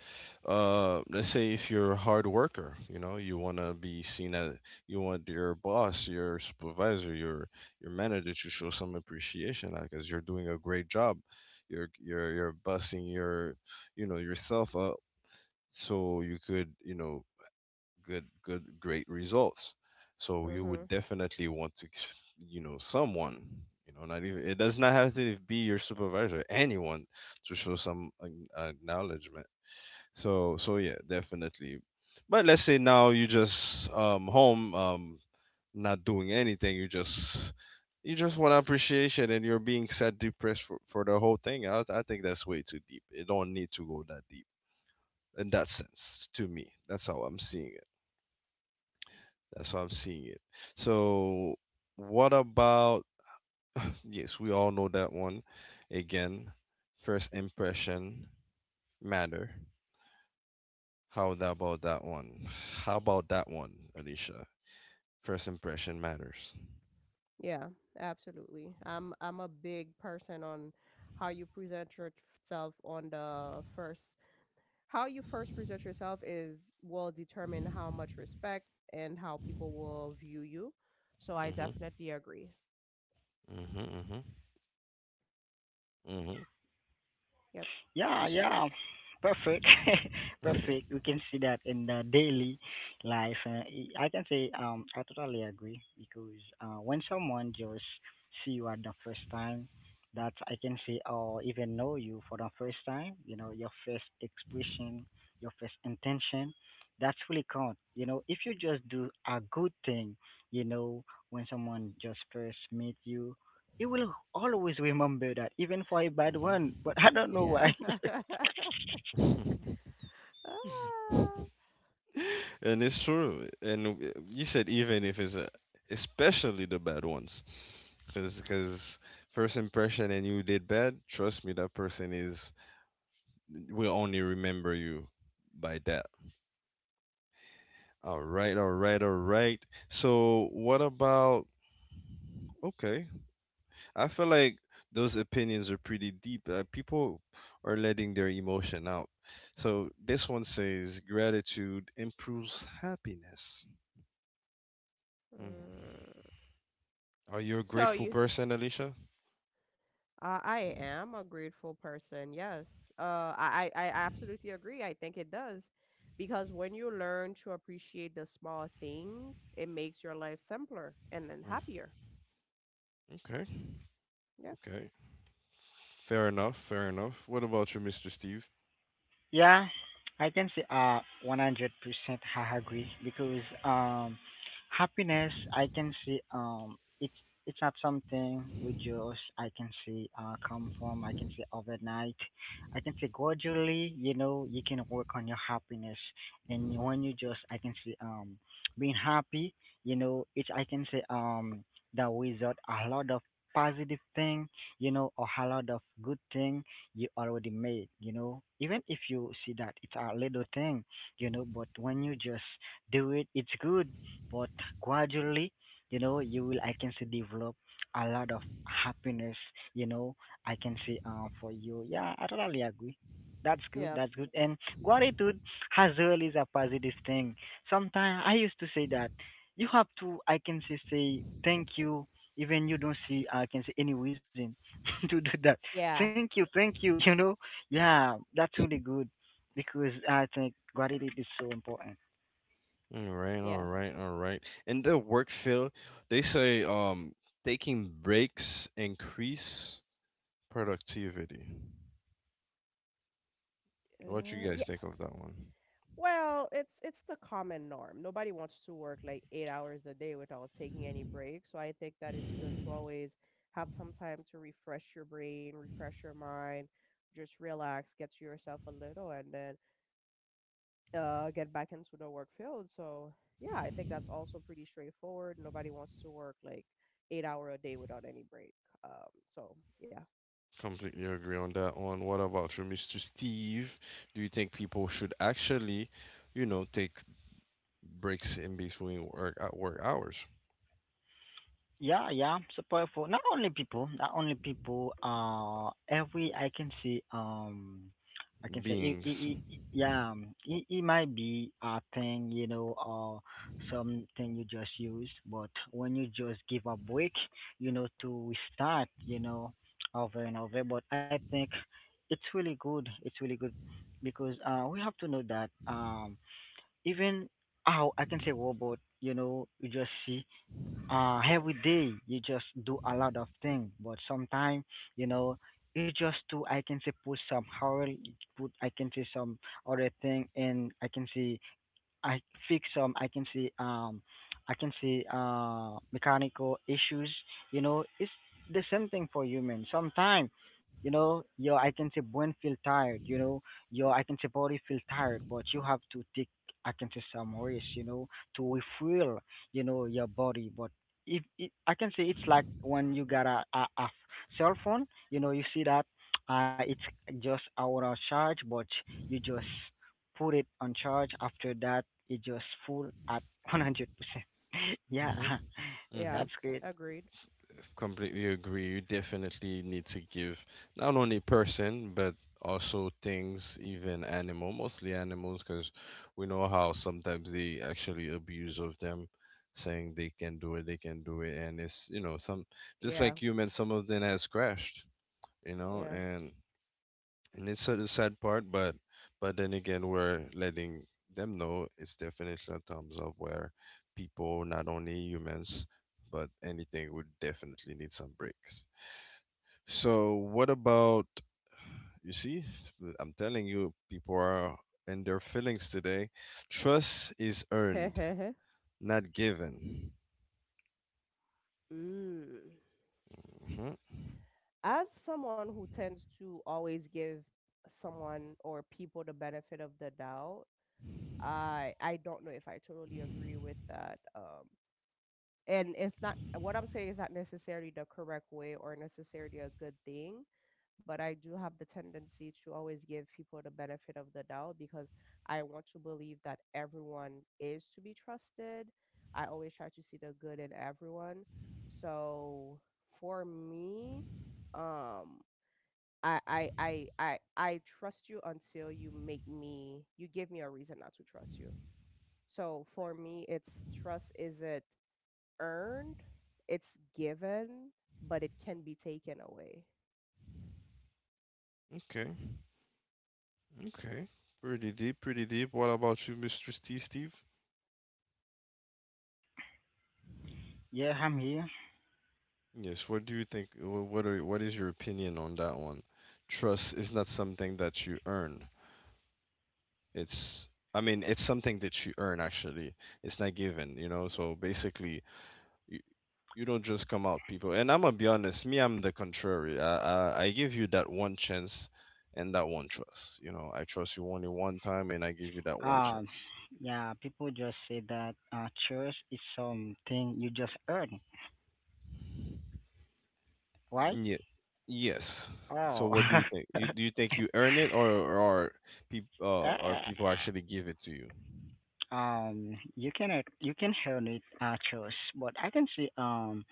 Speaker 3: uh let's say if you're a hard worker, you know, you wanna be seen as you want your boss, your supervisor, your your manager to show some appreciation because you're doing a great job. You're you're you're busting your you know yourself up so you could, you know, good good great results, so you would
Speaker 2: Mhm.
Speaker 3: definitely want to s- you know someone, you know, not even it does not have to be your supervisor, anyone to show some ac- acknowledgement. So so yeah, definitely. But let's say now you just um home um not doing anything, you just you just want appreciation and you're being sad, depressed for, for the whole thing. I, I think that's way too deep, it don't need to go that deep in that sense. To me, that's how I'm seeing that's how I'm seeing it. So, what about, yes, we all know that one. Again, first impression matter. How tha- about that one? How about that one, Alicia? First impression matters.
Speaker 2: Yeah, absolutely. I'm I'm a big person on how you present yourself on the first how you first present yourself is will determine how much respect and how people will view you. So I
Speaker 3: Mm-hmm.
Speaker 2: definitely agree.
Speaker 3: Mm-hmm. Mm-hmm.
Speaker 2: Yep.
Speaker 1: Yeah, yeah. Perfect. Perfect. We can see that in the daily life. Uh, I I can say um I totally agree because uh when someone just see you at the first time, that I can say or even know you for the first time, you know, your first expression, your first intention, that's really count. You know, if you just do a good thing, you know, when someone just first meet you, you will always remember that, even for a bad one. But I don't know
Speaker 3: Mm-hmm.
Speaker 2: Yeah.
Speaker 1: why.
Speaker 3: Mm-hmm.
Speaker 2: Ah.
Speaker 3: And it's true. And uh, you said even if it's a, especially the bad ones. Because first impression and you did bad, trust me, that person is will only remember you by that. All right, all right, all right. So what about? Okay, I feel like those opinions are pretty deep. Uh, people are letting their emotion out. So this one says gratitude improves happiness. Mm.
Speaker 2: Mm.
Speaker 3: Are you a
Speaker 2: So
Speaker 3: grateful
Speaker 2: you
Speaker 3: person, Alicia?
Speaker 2: Uh, I am a grateful person. Yes. Uh, I, I I absolutely agree. I think it does. Because when you learn to appreciate the small things, it makes your life simpler and then happier.
Speaker 3: Okay,
Speaker 2: Yeah.
Speaker 3: okay. Fair enough, fair enough. What about you, mister Steve?
Speaker 1: Yeah, I can say uh one hundred percent I agree because, um happiness I can say, um it's it's not something we just I can say uh come from I can say overnight. I can say gradually, you know, you can work on your happiness. And when you just I can say, um being happy, you know, it's I can say, um that without a lot of positive thing, you know, or a lot of good thing you already made, you know. Even if you see that it's a little thing, you know, but when you just do it, it's good. But gradually, you know, you will, I can see, develop a lot of happiness, you know, I can see uh, for you. Yeah, I totally agree. That's good.
Speaker 2: Yep.
Speaker 1: That's good. And gratitude as well is a positive thing. Sometimes I used to say that you have to, I can say, say thank you, even you don't see, I can say, any reason to do that.
Speaker 2: Yeah.
Speaker 1: Thank you, thank you. You know, yeah, that's really good because I think gratitude is so important.
Speaker 3: All right, all
Speaker 2: Yeah.
Speaker 3: right, all right. In the work field, they say um taking breaks increase productivity. What you
Speaker 2: Uh,
Speaker 3: guys
Speaker 2: yeah.
Speaker 3: think of that one?
Speaker 2: Well, it's it's the common norm. Nobody wants to work like eight hours a day without taking any breaks. So I think that it's good to always have some time to refresh your brain, refresh your mind, just relax, get to yourself a little, and then, uh, get back into the work field. So yeah, I think that's also pretty straightforward. Nobody wants to work like eight hour a day without any break. Um, so yeah,
Speaker 3: Completely agree on that one. What about you, mister Steve? Do you think people should actually, you know, take breaks in between work at work hours?
Speaker 1: Yeah, yeah, support for not only people, not only people. Uh, every I can see, um, I can say, it,
Speaker 3: Beings.
Speaker 1: it, it, yeah, um, it, it might be a thing, you know, or something you just use. But when you just give a break, you know, to restart, you know, over and over. But I think it's really good. It's really good because, uh, we have to know that, um, even how I can say robot, you know, you just see uh every day you just do a lot of things, but sometimes, you know, you just do I can say put some oil, put I can say some other thing, and I can say I fix, um I can see, um I can see uh mechanical issues. You know, it's the same thing for humans. Sometimes, you know, your I can say brain feel tired, you know, your I can say body feel tired, but you have to take I can say some rest, you know, to refuel, you know, your body. But if it, I can say it's like when you got a, a, a cell phone, you know, you see that uh, it's just out of charge, but you just put it on charge. After that, it just full at one hundred percent. Yeah,
Speaker 3: Mm-hmm.
Speaker 2: yeah,
Speaker 1: that's good.
Speaker 2: agreed.
Speaker 3: Completely agree. You definitely need to give not only person but also things, even animal, mostly animals, because we know how sometimes they actually abuse of them, saying they can do it, they can do it, and it's you know some just
Speaker 2: Yeah,
Speaker 3: like human, some of them has crashed, you know,
Speaker 2: yeah.
Speaker 3: and and it's a sad part, but but then again, we're letting them know its definition of thumbs up, where people, not only humans, but anything would definitely need some breaks. So what about you see? I'm telling you, people are in their feelings today. Trust is earned, not given.
Speaker 2: Mm.
Speaker 3: Hmm.
Speaker 2: As someone who tends to always give someone or people the benefit of the doubt, I I don't know if I totally agree with that. Um, and it's not what I'm saying is not necessarily the correct way or necessarily a good thing, but I do have the tendency to always give people the benefit of the doubt because I want to believe that everyone is to be trusted. I always try to see the good in everyone. So for me, um, I I I I I trust you until you make me you give me a reason not to trust you. So for me, it's trust is it earned, it's given, but it can be taken away.
Speaker 3: Okay, okay, pretty deep, pretty deep. What about you, mister Steve? Steve?
Speaker 1: Yeah, I'm here.
Speaker 3: Yes, what do you think? wh- What are what is your opinion on that one? Trust is not something that you earn. It's I mean, it's something that you earn actually. It's not given, you know. So basically, you, you don't just come out people. And I'm gonna be honest, me, I'm the contrary. I, I I give you that one chance and that one trust. You know, I trust you only one time, and I give you that one
Speaker 1: Um,
Speaker 3: chance.
Speaker 1: yeah, people just say that uh, church is something you just earn, right?
Speaker 3: Yeah. Yes. So
Speaker 1: Oh,
Speaker 3: what do you think? You, do you think you earn it, or or are peop, uh, are
Speaker 1: Eh,
Speaker 3: people actually give it to you?
Speaker 1: um, you can ex- you can earn it, uh, church, but I can see. Um,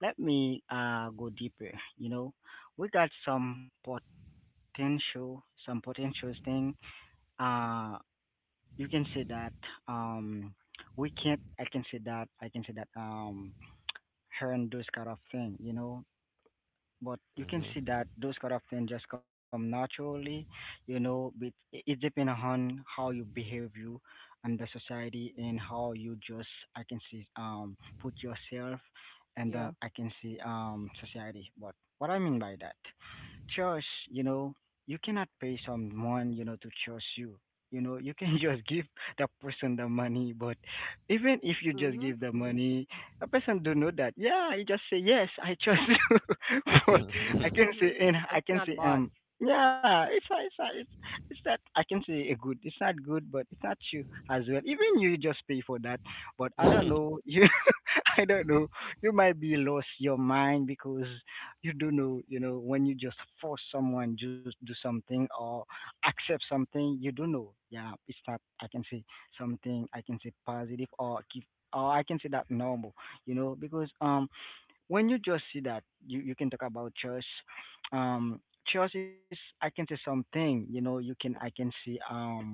Speaker 1: Let me uh go deeper. You know, we got some potential, some potential thing. Uh. You can see that, um we can't, I can see that, I can see that, um her and those kind of thing, you know, but you can see
Speaker 3: Hmm.
Speaker 1: that those kind of things just come naturally, you know, but it, it depends on how you behave you and the society and how you just I can see um put yourself and, uh,
Speaker 2: Yeah.
Speaker 1: I can see um society, but what I mean by that choose, you know, you cannot pay someone, you know, to choose you. You know, you can just give the person the money, but even if you just give the money, a person don't know that. Yeah, you just say yes, I chose you. But
Speaker 2: Mhm,
Speaker 1: I can say
Speaker 2: mhm.
Speaker 1: and
Speaker 2: It's
Speaker 1: I
Speaker 2: not
Speaker 1: can say,
Speaker 2: bought.
Speaker 1: um yeah, it's not- it's not- it's it's not I can say a good. It's not good, but it's not you as well. Even you, you just pay for that. But I don't know you. I don't know. You might be lost your mind because you do know, you know, when you just force someone just do something or accept something, you do know. Yeah, it's not. I can say something. I can say positive or keep. Or I can say that normal, you know, because um, when you just see that, you, you can talk about choice. Um, choice is I can say something, you know, you can I can say um,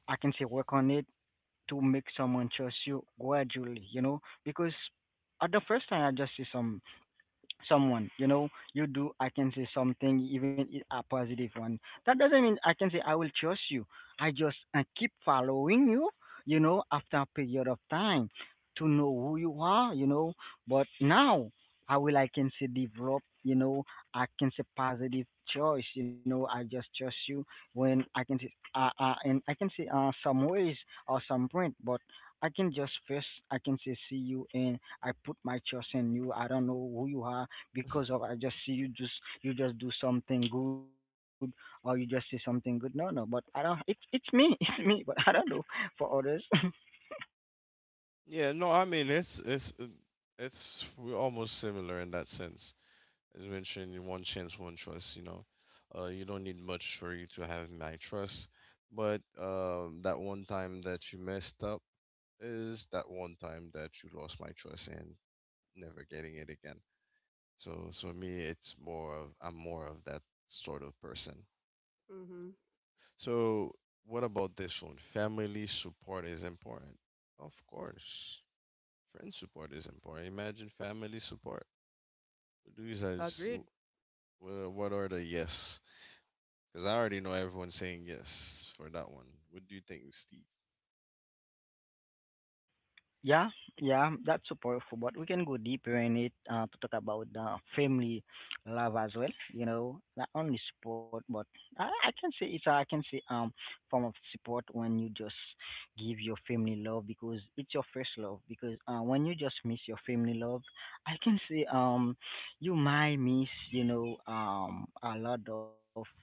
Speaker 1: I can say work on it to make someone trust you gradually, you know, because at the first time I just see some someone, you know, you do I can say something, even i- a positive one. That doesn't mean I can say I will trust you. I just uh, keep following you, you know, after a period of time to know who you are, you know. But now, how will I can say develop, you know, I can say positive choice, you know, I just trust you when I can say uh, uh, and I can say uh, some ways or some point. But I can just first I can say see you, and I put my trust in you. I don't know who you are because of I just see you just you just do something good or you just say something good. No, no, but I don't. It's it's me, it's me, but I don't do for others.
Speaker 3: Yeah, no, I mean it's it's uh, it's we're almost similar in that sense. As mentioned, one chance, one choice. You know, uh, you don't need much for you to have my trust, but uh, that one time that you messed up is that one time that you lost my trust and never getting it again. So, so me, it's more of I'm more of that sort of person.
Speaker 2: Mhm.
Speaker 3: So, what about this one? Family support is important, of course. Friend support is important. Imagine family support. What do you guys?
Speaker 2: Agreed.
Speaker 3: wh- What are the yes? Because I already know everyone's saying yes for that one. What do you think, Steve?
Speaker 1: Yeah, yeah, that's so powerful. But we can go deeper in it uh, to talk about uh, family love as well. You know, not only support, but I, I can say it's a, I can say um form of support when you just give your family love, because it's your first love. Because uh, when you just miss your family love, I can say um you might miss, you know, um a lot of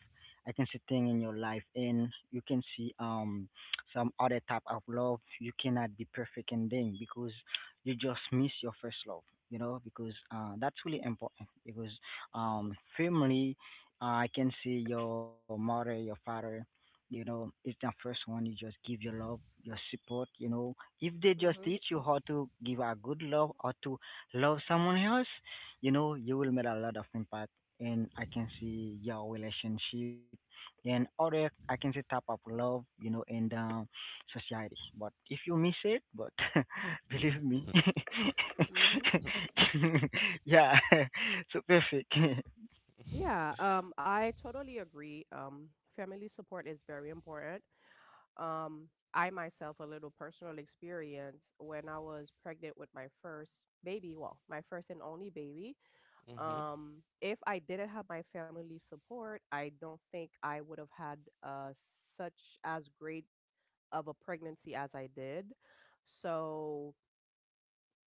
Speaker 1: I can say thing in your life, and you can see um some other type of love you cannot be perfect in them because you just miss your first love, you know, because uh, that's really important. Because um family, uh, I can see your mother, your father, you know, it's the first one you just give your love, your support, you know. If they just
Speaker 2: Mhm.
Speaker 1: teach you how to give a good love or to love someone else, you know, you will make a lot of impact, and I can see your relationship, then other I can say type of love, you know, in the society. But if you miss it, but believe me,
Speaker 2: Mhm.
Speaker 1: yeah, so perfect.
Speaker 2: Yeah, um I totally agree. Um family support is very important. Um, I myself a little personal experience when I was pregnant with my first baby, well, my first and only baby. Um, if I didn't have my family support, I don't think I would have had uh such as great of a pregnancy as I did. So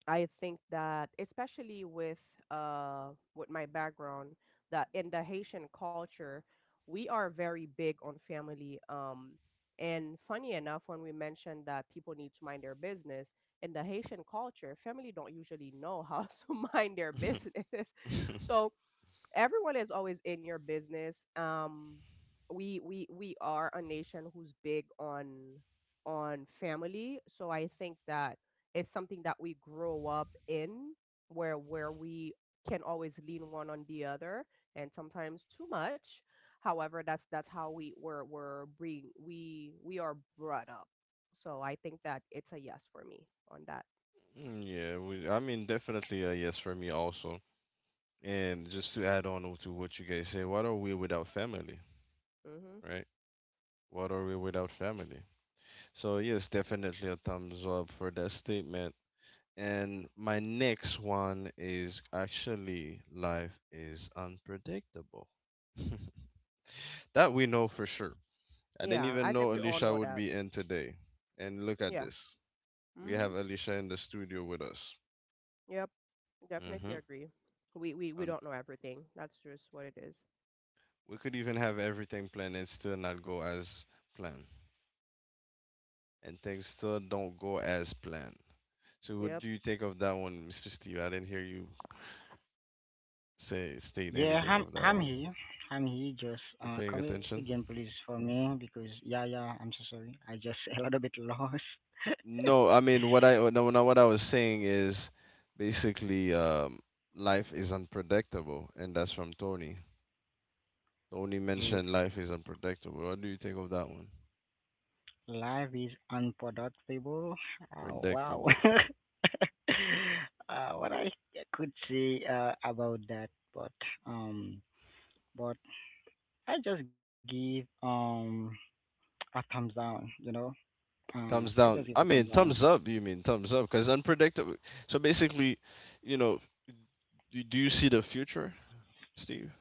Speaker 2: I think that, especially with uh, with my background, that in the Haitian culture we are very big on family, um, and funny enough, when we mentioned that people need to mind their business, in the Haitian culture family don't usually know how to mind their
Speaker 3: Mhm.
Speaker 2: business so everyone is always in your business. Um, we we we are a nation who's big on on family, so I think that it's something that we grow up in, where where we can always lean one on the other, and sometimes too much. However, that's that's how we were were bring we we are brought up. So I think that it's a yes for me on that.
Speaker 3: Mm, yeah, we, I mean, definitely a yes for me also. And just to add on to what you guys say, what are we without family,
Speaker 2: Hmm.
Speaker 3: right? What are we without family? So yes, definitely a thumbs up for that statement. And my next one is actually life is unpredictable. That we know for sure. I didn't
Speaker 2: Yeah,
Speaker 3: even
Speaker 2: I think
Speaker 3: know
Speaker 2: we all
Speaker 3: Alicia
Speaker 2: know
Speaker 3: would
Speaker 2: that.
Speaker 3: be in today. And look at
Speaker 2: Yeah.
Speaker 3: this. We
Speaker 2: Hmm.
Speaker 3: have Alicia in the studio with us.
Speaker 2: Yep. Definitely
Speaker 3: Hmm.
Speaker 2: agree. We we we
Speaker 3: And
Speaker 2: don't know everything. That's just what it is.
Speaker 3: we could even have everything planned and still not go as planned. And things still don't go as planned. So what
Speaker 2: Yep.
Speaker 3: do you think of that one, Mister Steve? I didn't hear you say state
Speaker 1: Yeah,
Speaker 3: anything
Speaker 1: I'm
Speaker 3: of that
Speaker 1: I'm
Speaker 3: one.
Speaker 1: here. I'm here. Just
Speaker 3: You're
Speaker 1: uh,
Speaker 3: paying
Speaker 1: come again,
Speaker 3: attention?
Speaker 1: please, for me, because yeah, yeah. I'm so sorry. I just a little bit lost.
Speaker 3: No, I mean what I no, no what I was saying is basically um, life is unpredictable, and that's from Tony. Tony
Speaker 1: Yeah.
Speaker 3: mentioned life is unpredictable. What do you think of that one?
Speaker 1: Life is unpredictable. Oh, wow.
Speaker 3: Predictable.
Speaker 1: uh, what I could say uh, about that, but um, but I just give um a thumbs down. You know, uh,
Speaker 3: Thumbs
Speaker 1: I just
Speaker 3: down.
Speaker 1: give a
Speaker 3: I
Speaker 1: thumbs
Speaker 3: mean
Speaker 1: down.
Speaker 3: thumbs up. You mean thumbs up? Because unpredictable. So basically, you know, do, do you see the future, Steve?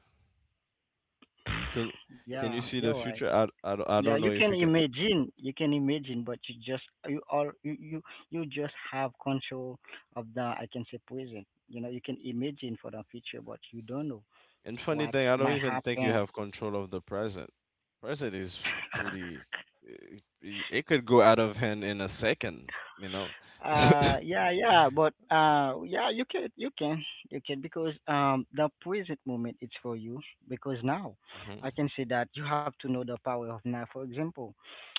Speaker 3: Can can you
Speaker 1: Yeah,
Speaker 3: see the
Speaker 1: you're right.
Speaker 3: future? I, I, don't- I
Speaker 1: Yeah,
Speaker 3: don't
Speaker 1: you
Speaker 3: know if
Speaker 1: can
Speaker 3: you can.
Speaker 1: imagine, you can imagine, but you just you all you you you just have control of the I can say present. You know, you can imagine for the future, but you don't know
Speaker 3: And funny
Speaker 1: what
Speaker 3: thing, I don't
Speaker 1: might
Speaker 3: even think you
Speaker 1: happen.
Speaker 3: have control of the present. Present is pretty. It, it it could go out of hand in a second, you know.
Speaker 1: Uh, yeah, yeah, but uh, yeah, you can, you can, you can, because um, the present moment is for you. Because now,
Speaker 3: Hmm.
Speaker 1: I can say that you have to know the power of now. For example,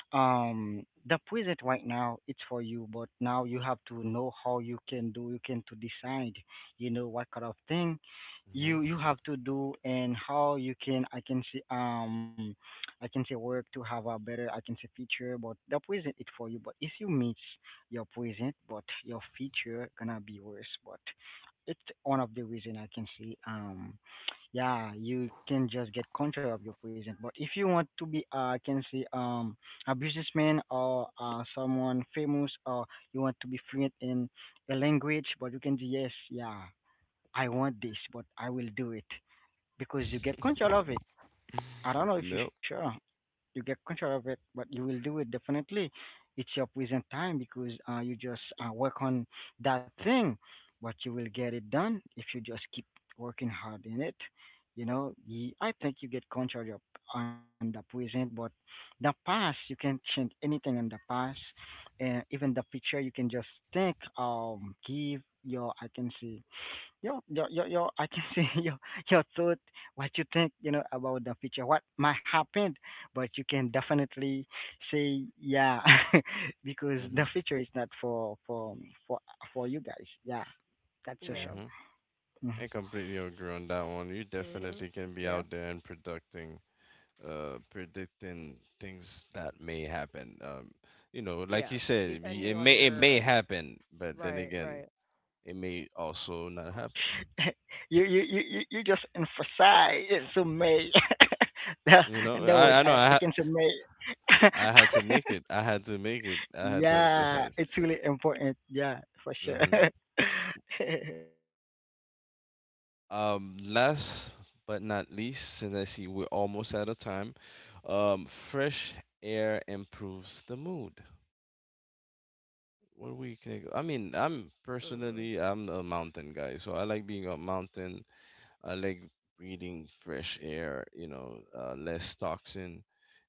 Speaker 1: um the present right now it's for you, but now you have to know how you can do you can to decide, you know, what kind of thing
Speaker 3: Hmm.
Speaker 1: you you have to do, and how you can I can see um I can say work to have a better I can say future. But the present it for you, but if you miss your present, but your future gonna be worse. But it's one of the reason I can see um yeah, you can just get control of your present. But if you want to be, uh, I can say, um, a businessman or uh, someone famous, or you want to be fluent in a language, but you can say, yes, yeah, I want this, but I will do it because you get control of it. I don't know if you
Speaker 3: Nope.
Speaker 1: sure you get control of it, but you will do it definitely. It's your present time because uh, you just uh, work on that thing, but you will get it done if you just keep working hard in it. You know, Ye- I think you get control of on the present, but the past you can change anything in the past, and even the future you can just think, um, give your I can say Yo, yo, yo, yo, I can see your your thought, what you think, you know, about the future, what might happen, but you can definitely say yeah, because the
Speaker 3: Hmm.
Speaker 1: future is not for for for for you guys. Yeah, that's so
Speaker 2: Yeah.
Speaker 3: Hmm.
Speaker 1: sure.
Speaker 3: I
Speaker 1: Mhm.
Speaker 3: completely agree on that one. You
Speaker 2: Mhm.
Speaker 3: definitely can be
Speaker 2: Yeah.
Speaker 3: out there and predicting, uh, predicting things that may happen. Um, you know, like
Speaker 2: Yeah.
Speaker 3: you said, y-
Speaker 2: Depending
Speaker 3: it
Speaker 2: on
Speaker 3: may it may
Speaker 2: your,
Speaker 3: happen, but then
Speaker 2: right,
Speaker 3: again,
Speaker 2: right.
Speaker 3: it may also not happen.
Speaker 1: you, you you you you just emphasize so may the
Speaker 3: You know,
Speaker 1: the
Speaker 3: I I
Speaker 1: word
Speaker 3: know
Speaker 1: I
Speaker 3: I
Speaker 1: can say
Speaker 3: ha-
Speaker 1: may.
Speaker 3: I had to make it. I had to make it. I had to
Speaker 1: Yeah,
Speaker 3: emphasize.
Speaker 1: it's really important. Yeah, for sure.
Speaker 3: Hmm. Um, last but not least, since I see we're almost out of time, um, fresh air improves the mood. What we can, I mean, I'm
Speaker 2: Mm.
Speaker 3: personally, I'm a mountain guy, so I like being up mountain. I like breathing fresh air, you know, uh, less toxin,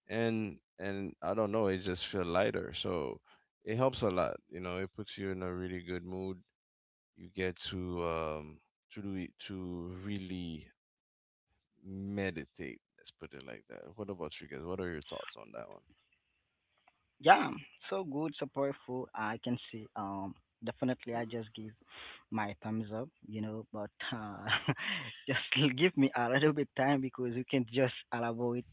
Speaker 3: and and I don't know, it just feel lighter. So it helps a lot, you know. It puts you in a really good mood. You get to um to do it to really meditate, let's put it like that. What about you guys, what are your thoughts on that
Speaker 1: Yeah, so good, so powerful. I can see. Um, definitely,
Speaker 2: Uh,
Speaker 1: I just give my thumbs up, you know. But uh, just give me a little bit time because you can just elaborate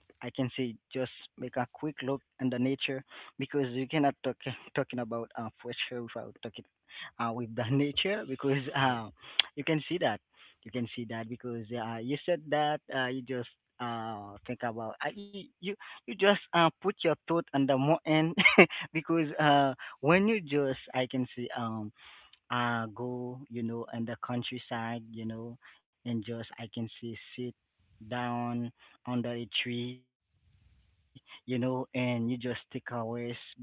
Speaker 1: I can say just make a quick look in the nature, because you cannot talk talking about uh, future without talking uh, with the nature. Because
Speaker 3: one?
Speaker 1: uh, you can see that you can see that because uh, you said that uh, you just uh, think about uh, you, you you just uh, put your thought on the more end because uh, when you just I can see um uh go, you know, in the countryside, you know, and just I can see sit down under a tree, you know, and you just take a rest. But yeah, I think,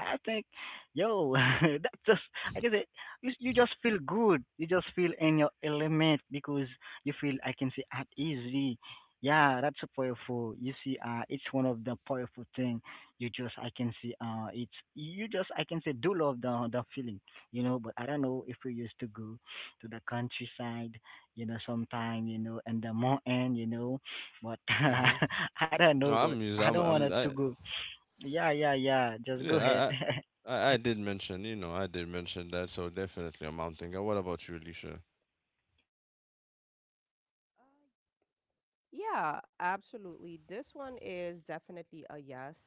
Speaker 1: yo, that just like I can say, you, you just feel good, you just feel in your element because you feel I can say at easy. Yeah, that's a powerful. You see, uh it's one of the powerful thing you just I can see uh it's you just I can say do love the the feeling, you know. But I don't know if we used to go to the countryside, you know, sometime, you know, and the mountain, you know, but
Speaker 3: Hmm. Hmm.
Speaker 1: I don't
Speaker 3: No
Speaker 1: know,
Speaker 3: I'm
Speaker 1: but
Speaker 3: us-
Speaker 1: I
Speaker 3: I'm,
Speaker 1: don't want it
Speaker 3: I'm I,
Speaker 1: to go. Yeah, yeah, yeah, just go ahead.
Speaker 3: yeah I, I I I did mention, you know, I did mention that, so definitely a mountain guy. What about you, Alicia?
Speaker 2: yeah, absolutely. This one is definitely a yes.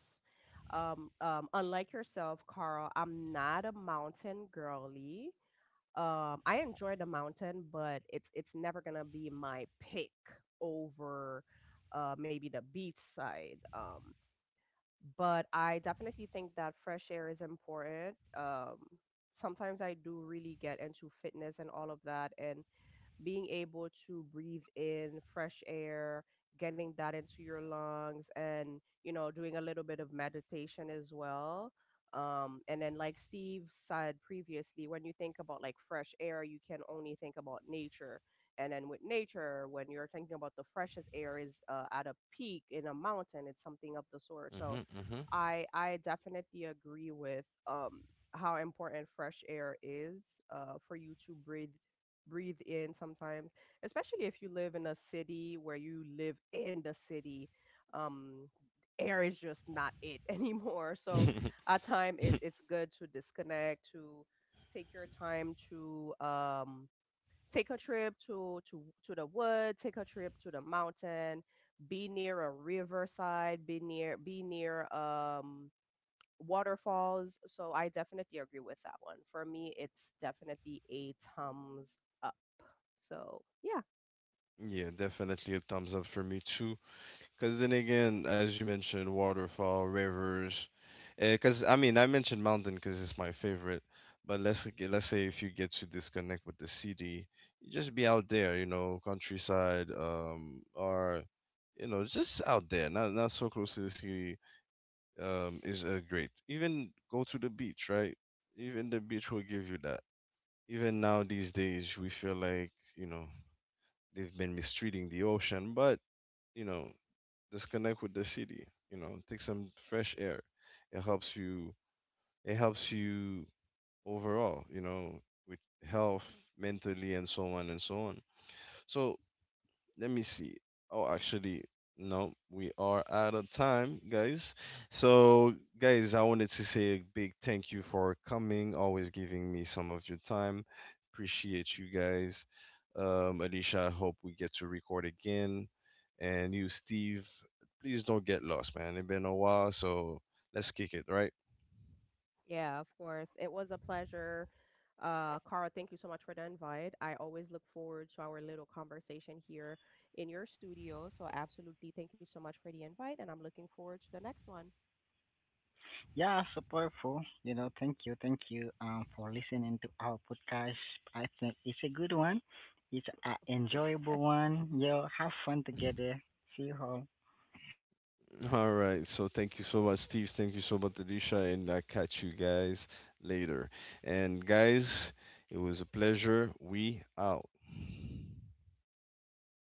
Speaker 2: Um, um, unlike yourself, Carl, I'm not a mountain girly. Um, I enjoy the mountain, but it's it's never gonna be my pick over uh, maybe the beach side. Um, but I definitely think that fresh air is important. Um, sometimes I do really get into fitness and all of that, and being able to breathe in fresh air, getting that into your lungs, and you know, doing a little bit of meditation as well. Um, and then, like Steve said previously, when you think about like fresh air, you can only think about nature. And then with nature, when you're thinking about the freshest air, is uh, at a peak in a mountain, it's something of the sort. So
Speaker 3: Mm-hmm,
Speaker 2: I I definitely agree with um, how important fresh air is uh, for you to breathe breathe in sometimes, especially if you live in a city, where you live in the city. Um, air is just not it anymore. So
Speaker 3: mm-hmm.
Speaker 2: at time, it, it's good to disconnect, to take your time to um, take a trip to to to the wood, take a trip to the mountain, be near a riverside, be near be near um, waterfalls. So I definitely agree with that one. For me, it's definitely a thumbs up. So yeah,
Speaker 3: Yeah, definitely a thumbs up for me too. Because then again, as you mentioned, waterfall, rivers. Because I mean, I mentioned mountain because it's my favorite. But let's g- let's say if you get to disconnect with the city, you just be out there, you know, countryside, um, or you know, just out there, not not so close to the city, um, is uh, great. Even go to the beach, right? Even the beach will give you that. Even now these days, we feel like you know they've been mistreating the ocean, but you know, disconnect with the city, you know, take some fresh air. It helps you, it helps you overall, you know, with health mentally and so on and so on. So let me see. Oh, actually, no, we are out of time, guys. So, guys, I wanted to say a big thank you for coming, always giving me some of your time. Appreciate you guys. Um, Alicia, I hope we get to record again. And you, Steve, please don't get lost, man. It's been a while, so let's kick it, right?
Speaker 2: yeah, of course. It was a pleasure. Uh, Cara, thank you so much for the invite. I always look forward to our little conversation here in your studio. So absolutely, thank you so much for the invite, and I'm looking forward to the next one.
Speaker 1: Yeah, so powerful, you know, thank you, thank you um, for listening to our podcast. I think it's a good one, it's an enjoyable one. Yo, have fun together. See you all.
Speaker 3: All right. So thank you so much, Steve. Thank you so much, Alicia. And I'll catch you guys later. And guys, it was a pleasure. We out.